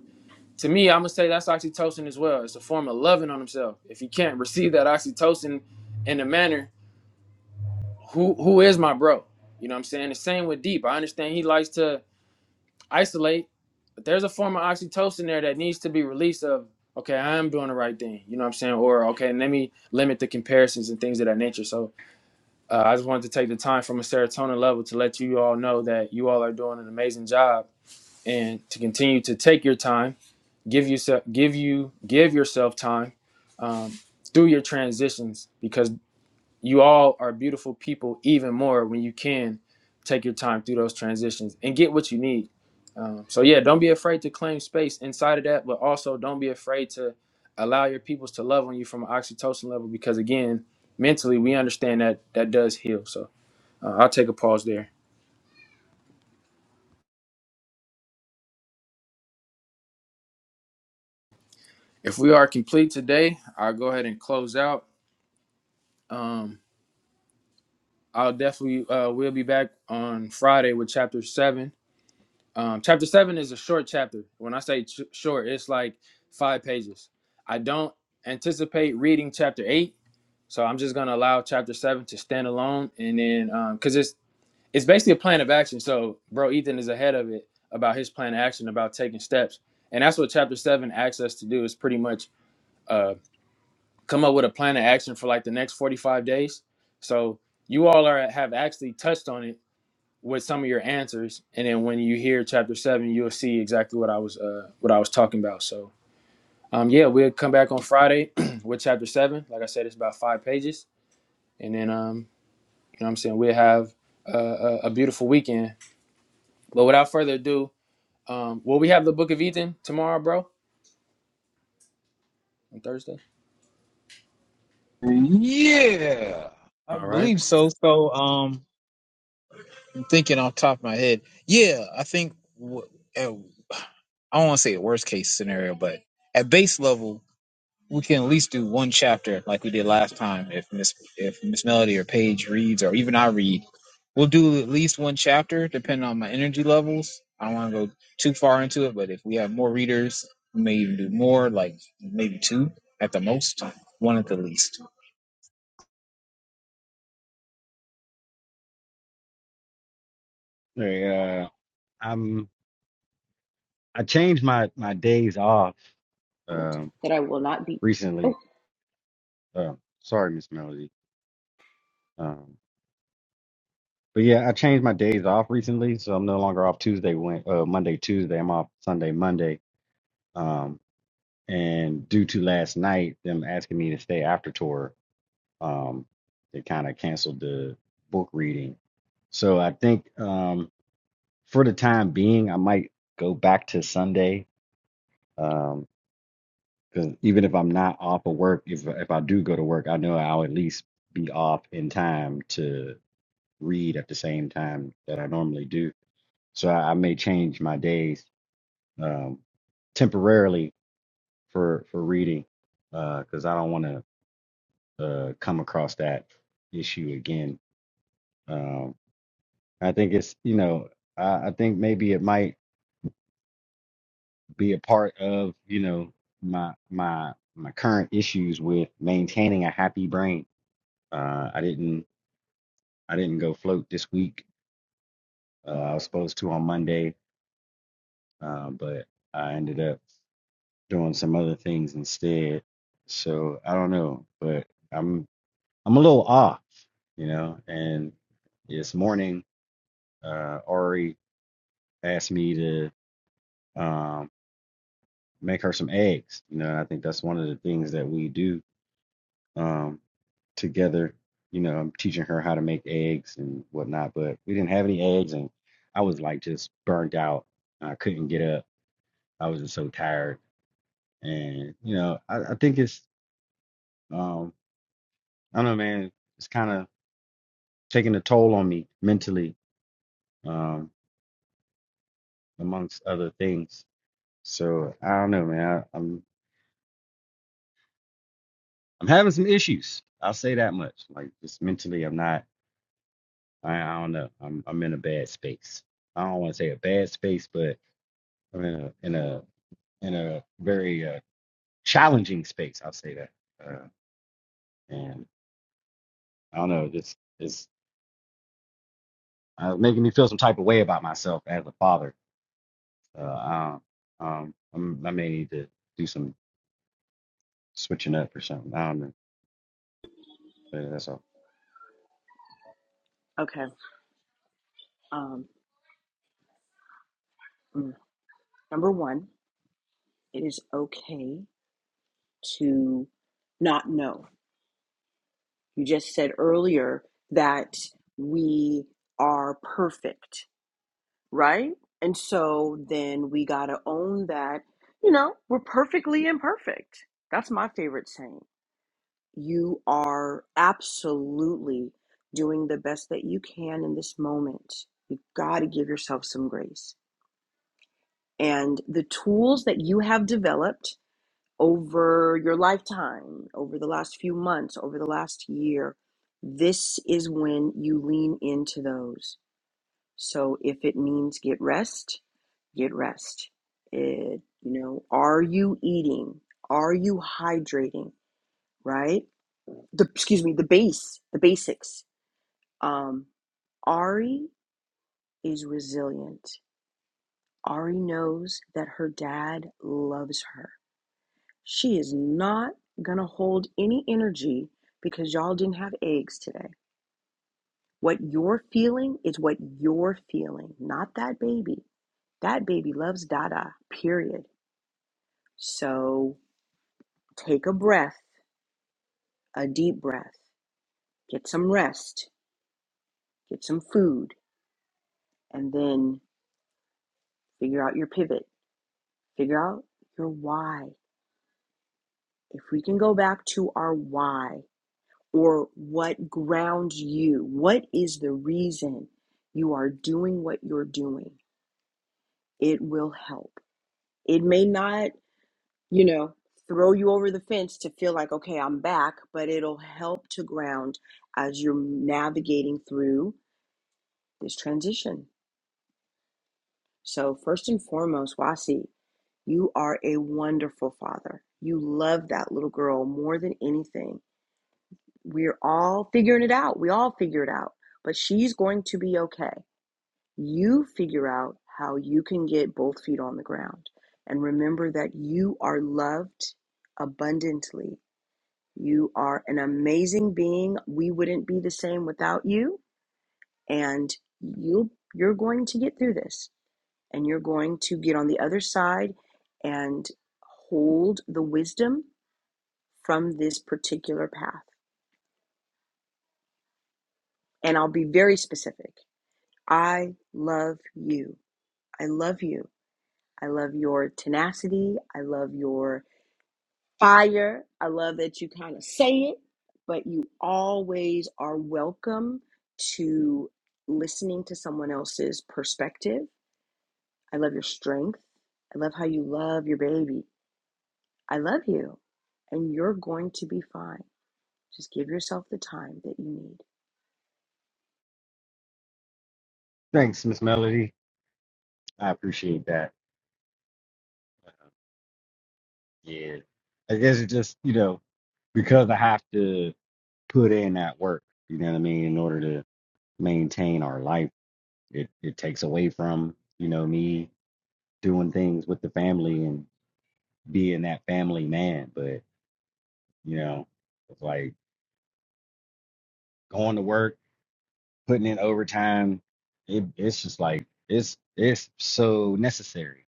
S1: to me, I'm gonna say that's oxytocin as well. It's a form of loving on himself. If you can't receive that oxytocin in a manner, who who is my bro? You know what I'm saying? The same with Deep. I understand he likes to isolate, but there's a form of oxytocin there that needs to be released. Of okay, I am doing the right thing. You know what I'm saying? Or okay, let me limit the comparisons and things of that nature. So uh, I just wanted to take the time from a serotonin level to let you all know that you all are doing an amazing job and to continue to take your time, give yourself, give you, give yourself time um, through your transitions because you all are beautiful people even more when you can take your time through those transitions and get what you need. Um, so yeah, don't be afraid to claim space inside of that, but also don't be afraid to allow your peoples to love on you from an oxytocin level because again, mentally we understand that that does heal. So uh, I'll take a pause there. If we are complete today, I'll go ahead and close out. Um, I'll definitely uh, we'll be back on Friday with chapter seven. Um, chapter seven is a short chapter. When I say ch- short, it's like five pages. I don't anticipate reading chapter eight, so I'm just gonna allow chapter seven to stand alone, and then because it's it's basically a plan of action. So, bro, Ethan is ahead of it about his plan of action about taking steps, and that's what chapter seven asks us to do. Is pretty much. uh, come up with a plan of action for like the next 45 days. So you all are have actually touched on it with some of your answers, and then when you hear chapter seven, you'll see exactly what I was uh, what I was talking about. So um, yeah, we'll come back on Friday with chapter seven. Like I said, it's about five pages, and then um, you know what I'm saying we'll have a, a, a beautiful weekend. But without further ado, um, will we have the Book of Ethan tomorrow, bro? On Thursday.
S5: Yeah. I
S1: All right.
S5: believe so. So um, thinking off the top of my head, yeah, I think w- at, I don't want to say a worst case scenario, but at base level, we can at least do one chapter like we did last time. If Miss if Miss Melody or Paige reads, or even I read, we'll do at least one chapter depending on my energy levels. I don't want to go too far into it, but if we have more readers, we may even do more, like maybe two at the most, one at the least.
S3: Hey, uh, I'm I changed my my days off
S2: Note
S3: um
S2: That I will not be. Oh.
S3: recently. Um, sorry, Miss Melody. But yeah, I changed my days off recently, so I'm no longer off Tuesday, Wed- uh, Monday, Tuesday. I'm off Sunday, Monday. Um, and due to last night, them asking me to stay after tour, um, they kind of canceled the book reading. So I think um, for the time being, I might go back to Sunday. Um, 'cause even if I'm not off of work, if if I do go to work, I know I'll at least be off in time to read at the same time that I normally do. So I, I may change my days um, temporarily for for reading because I don't want to uh, come across that issue again. Um, I think it's you know I, I think maybe it might be a part of you know my my my current issues with maintaining a happy brain. Uh, I didn't I didn't go float this week. Uh, I was supposed to on Monday, uh, but I ended up. doing some other things instead. So I don't know, but I'm I'm a little off, you know. And this morning, uh, Ari asked me to um, make her some eggs. You know, I think that's one of the things that we do um, together. You know, I'm teaching her how to make eggs and whatnot, but we didn't have any eggs, and I was like just burnt out. I couldn't get up. I was just so tired, and you know, I, I think it's um, I don't know, man. It's kind of taking a toll on me mentally, um, amongst other things. So I don't know, man. I, I'm I'm having some issues. I'll say that much. Like just mentally, I'm not. I, I don't know. I'm I'm in a bad space. I don't want to say a bad space, but I'm in a in a in a very uh, challenging space. I'll say that. Uh, and I don't know. This is uh, making me feel some type of way about myself as a father. Uh, I, um, um, I'm, I may need to do some switching up or something. I don't know. And that's all.
S2: Okay. Um. mm. Number one, it is okay to not know. You just said earlier that we are perfect, right? And so then we gotta own that. You know, we're perfectly imperfect. That's my favorite saying. You are absolutely doing the best that you can in this moment. You gotta give yourself some grace and the tools that you have developed over your lifetime, over the last few months, over the last year, this is when you lean into those. So if it means get rest, get rest. It, you know, are you eating? Are you hydrating? Right? The excuse me, the base, the basics. Um, Ari is resilient. Ari knows that her dad loves her. She is not going to hold any energy because y'all didn't have eggs today. What you're feeling is what you're feeling, not that baby. That baby loves Dada, period. So take a breath, a deep breath, get some rest, get some food, and then figure out your pivot. Figure out your why. If we can go back to our why, or what grounds you. What is the reason you are doing what you're doing? It will help. It may not, you know, throw you over the fence to feel like, okay, I'm back, but it'll help to ground as you're navigating through this transition. So, first and foremost, Wasi, you are a wonderful father. You love that little girl more than anything. We're all figuring it out. We all figure it out, but she's going to be okay You figure out how you can get both feet on the ground. And remember that you are loved abundantly. You are an amazing being. We wouldn't be the same without you. And you you're going to get through this. And you're going to get on the other side and hold the wisdom from this particular path. And I'll be very specific. I love you. I love you. I love your tenacity. I love your fire. I love that you kind of say it, but you always are welcome to listening to someone else's perspective. I love your strength. I love how you love your baby. I love you. And you're going to be fine. Just give yourself the time that you need.
S3: Thanks, Miss Melody. I appreciate that. Yeah. I guess it's just, you know, because I have to put in that work, you know what I mean, in order to maintain our life, it, it takes away from, you know, me doing things with the family and being that family man. But, you know, it's like going to work, putting in overtime, it, it's just like it's it's so necessary.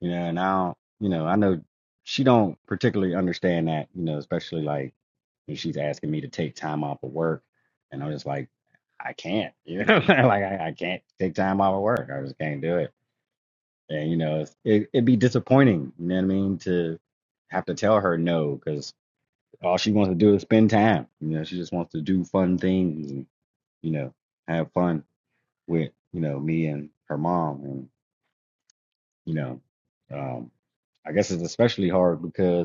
S3: you know, and I don't, you know, I know she don't particularly understand that, you know, especially like when she's asking me to take time off of work, and I'm just like, I can't, you know, like I, I can't take time off of work, I just can't do it, and you know, it's, it, it'd be disappointing, you know what I mean, to have to tell her no because all she wants to do is spend time, you know, she just wants to do fun things and you know have fun with you know me and her mom, and you know, um, I guess it's especially hard because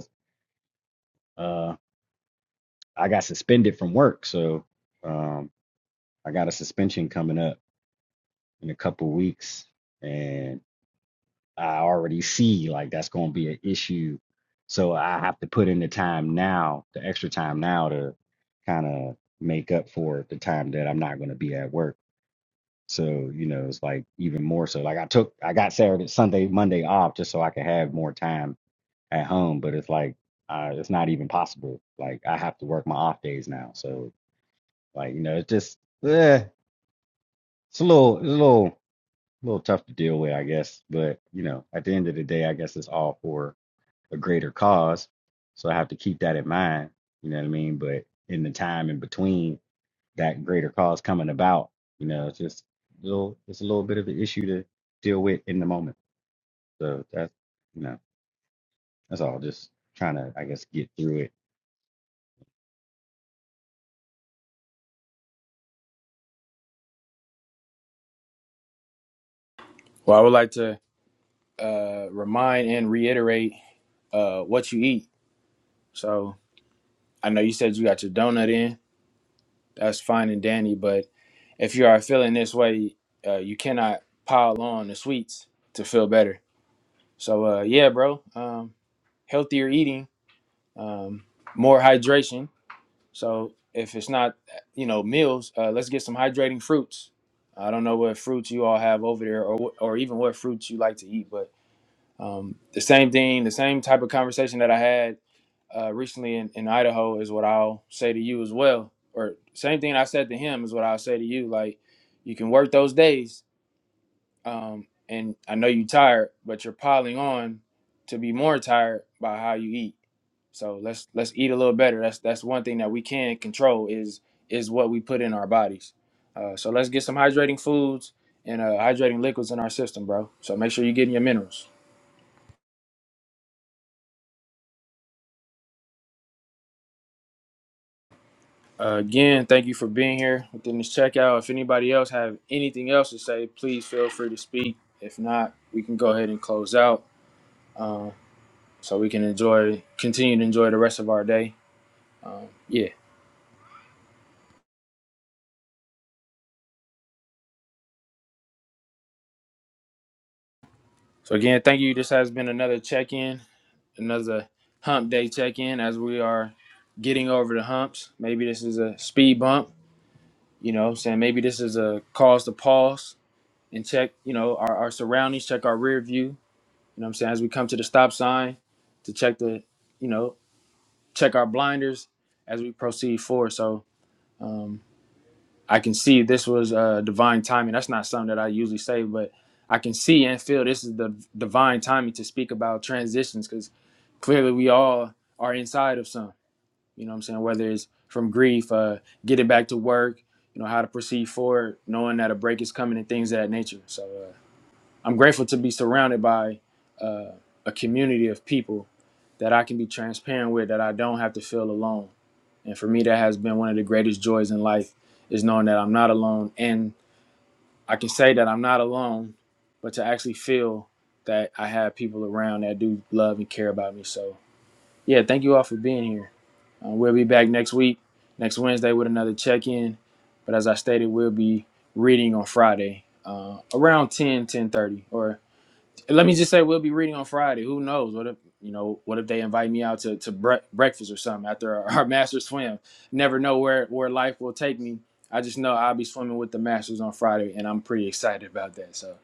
S3: Uh, I got suspended from work, so um, I got a suspension coming up in a couple weeks, and I already see like that's going to be an issue. So I have to put in the time now, the extra time now to kind of make up for the time that I'm not going to be at work. So you know, it's like even more so. Like I took, I got Saturday, Sunday, Monday off just so I could have more time at home, but it's like uh, it's not even possible. Like I have to work my off days now, so Like, you know, it's just eh, it's a little it's a little little tough to deal with, I guess. But, you know, at the end of the day, I guess it's all for a greater cause. So I have to keep that in mind. You know what I mean? But in the time in between that greater cause coming about, you know, it's just a little it's a little bit of an issue to deal with in the moment. So that's you know, that's all. Just trying to, I guess, get through it
S1: Well, I would like to uh, remind and reiterate uh, what you eat. So I know you said you got your donut in. That's fine and dandy, but if you are feeling this way, uh, you cannot pile on the sweets to feel better. So uh, yeah, bro, um, healthier eating, um, more hydration. So if it's not, you know, meals, uh, let's get some hydrating fruits. I don't know what fruits you all have over there, or wh- or even what fruits you like to eat, but Um, the same thing, the same type of conversation that I had uh, recently in, in Idaho is what I'll say to you as well. Or same thing I said to him is what I'll say to you. Like you can work those days, um, and I know you're tired, but you're piling on to be more tired by how you eat. So let's let's eat a little better. That's that's one thing that we can control is is what we put in our bodies. Uh, so let's get some hydrating foods and uh, hydrating liquids in our system, bro. So make sure you're getting your minerals. Uh, again, thank you for being here within this checkout. If anybody else have anything else to say, please feel free to speak. If not, we can go ahead and close out uh, so we can enjoy, continue to enjoy the rest of our day. Um, yeah. So again, thank you. This has been another check-in, another hump day check-in as we are getting over the humps. Maybe this is a speed bump, you know, what I'm saying maybe this is a cause to pause and check, you know, our, our surroundings, check our rear view, You know what I'm saying? As we come to the stop sign to check the, you know, check our blinders as we proceed forward. So um, I can see this was uh, divine timing. That's not something that I usually say, but I can see and feel this is the divine timing to speak about transitions because clearly we all are inside of some. You know what I'm saying? Whether it's from grief, uh, getting back to work, you know, how to proceed forward, knowing that a break is coming and things of that nature. So, uh, I'm grateful to be surrounded by uh, a community of people that I can be transparent with, that I don't have to feel alone. And for me, that has been one of the greatest joys in life is knowing that I'm not alone. And I can say that I'm not alone, but to actually feel that I have people around that do love and care about me. So, yeah, thank you all for being here. Uh, we'll be back next week, next Wednesday, with another check in. But as I stated, we'll be reading on Friday uh, around 10, 10.30 or let me just say we'll be reading on Friday. Who knows? What if you know? What if they invite me out to to bre- breakfast or something after our, our master swim? Never know where where life will take me. I just know I'll be swimming with the masters on Friday, and I'm pretty excited about that. So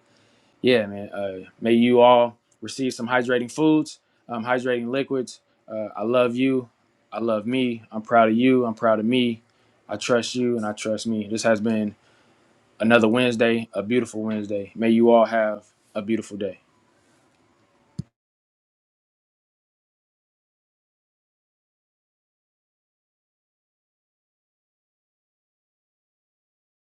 S1: yeah, man. Uh, may you all receive some hydrating foods, um, hydrating liquids. Uh, I love you. I love me. I'm proud of you. I'm proud of me. I trust you, and I trust me. This has been another Wednesday, a beautiful Wednesday. May you all have a beautiful day.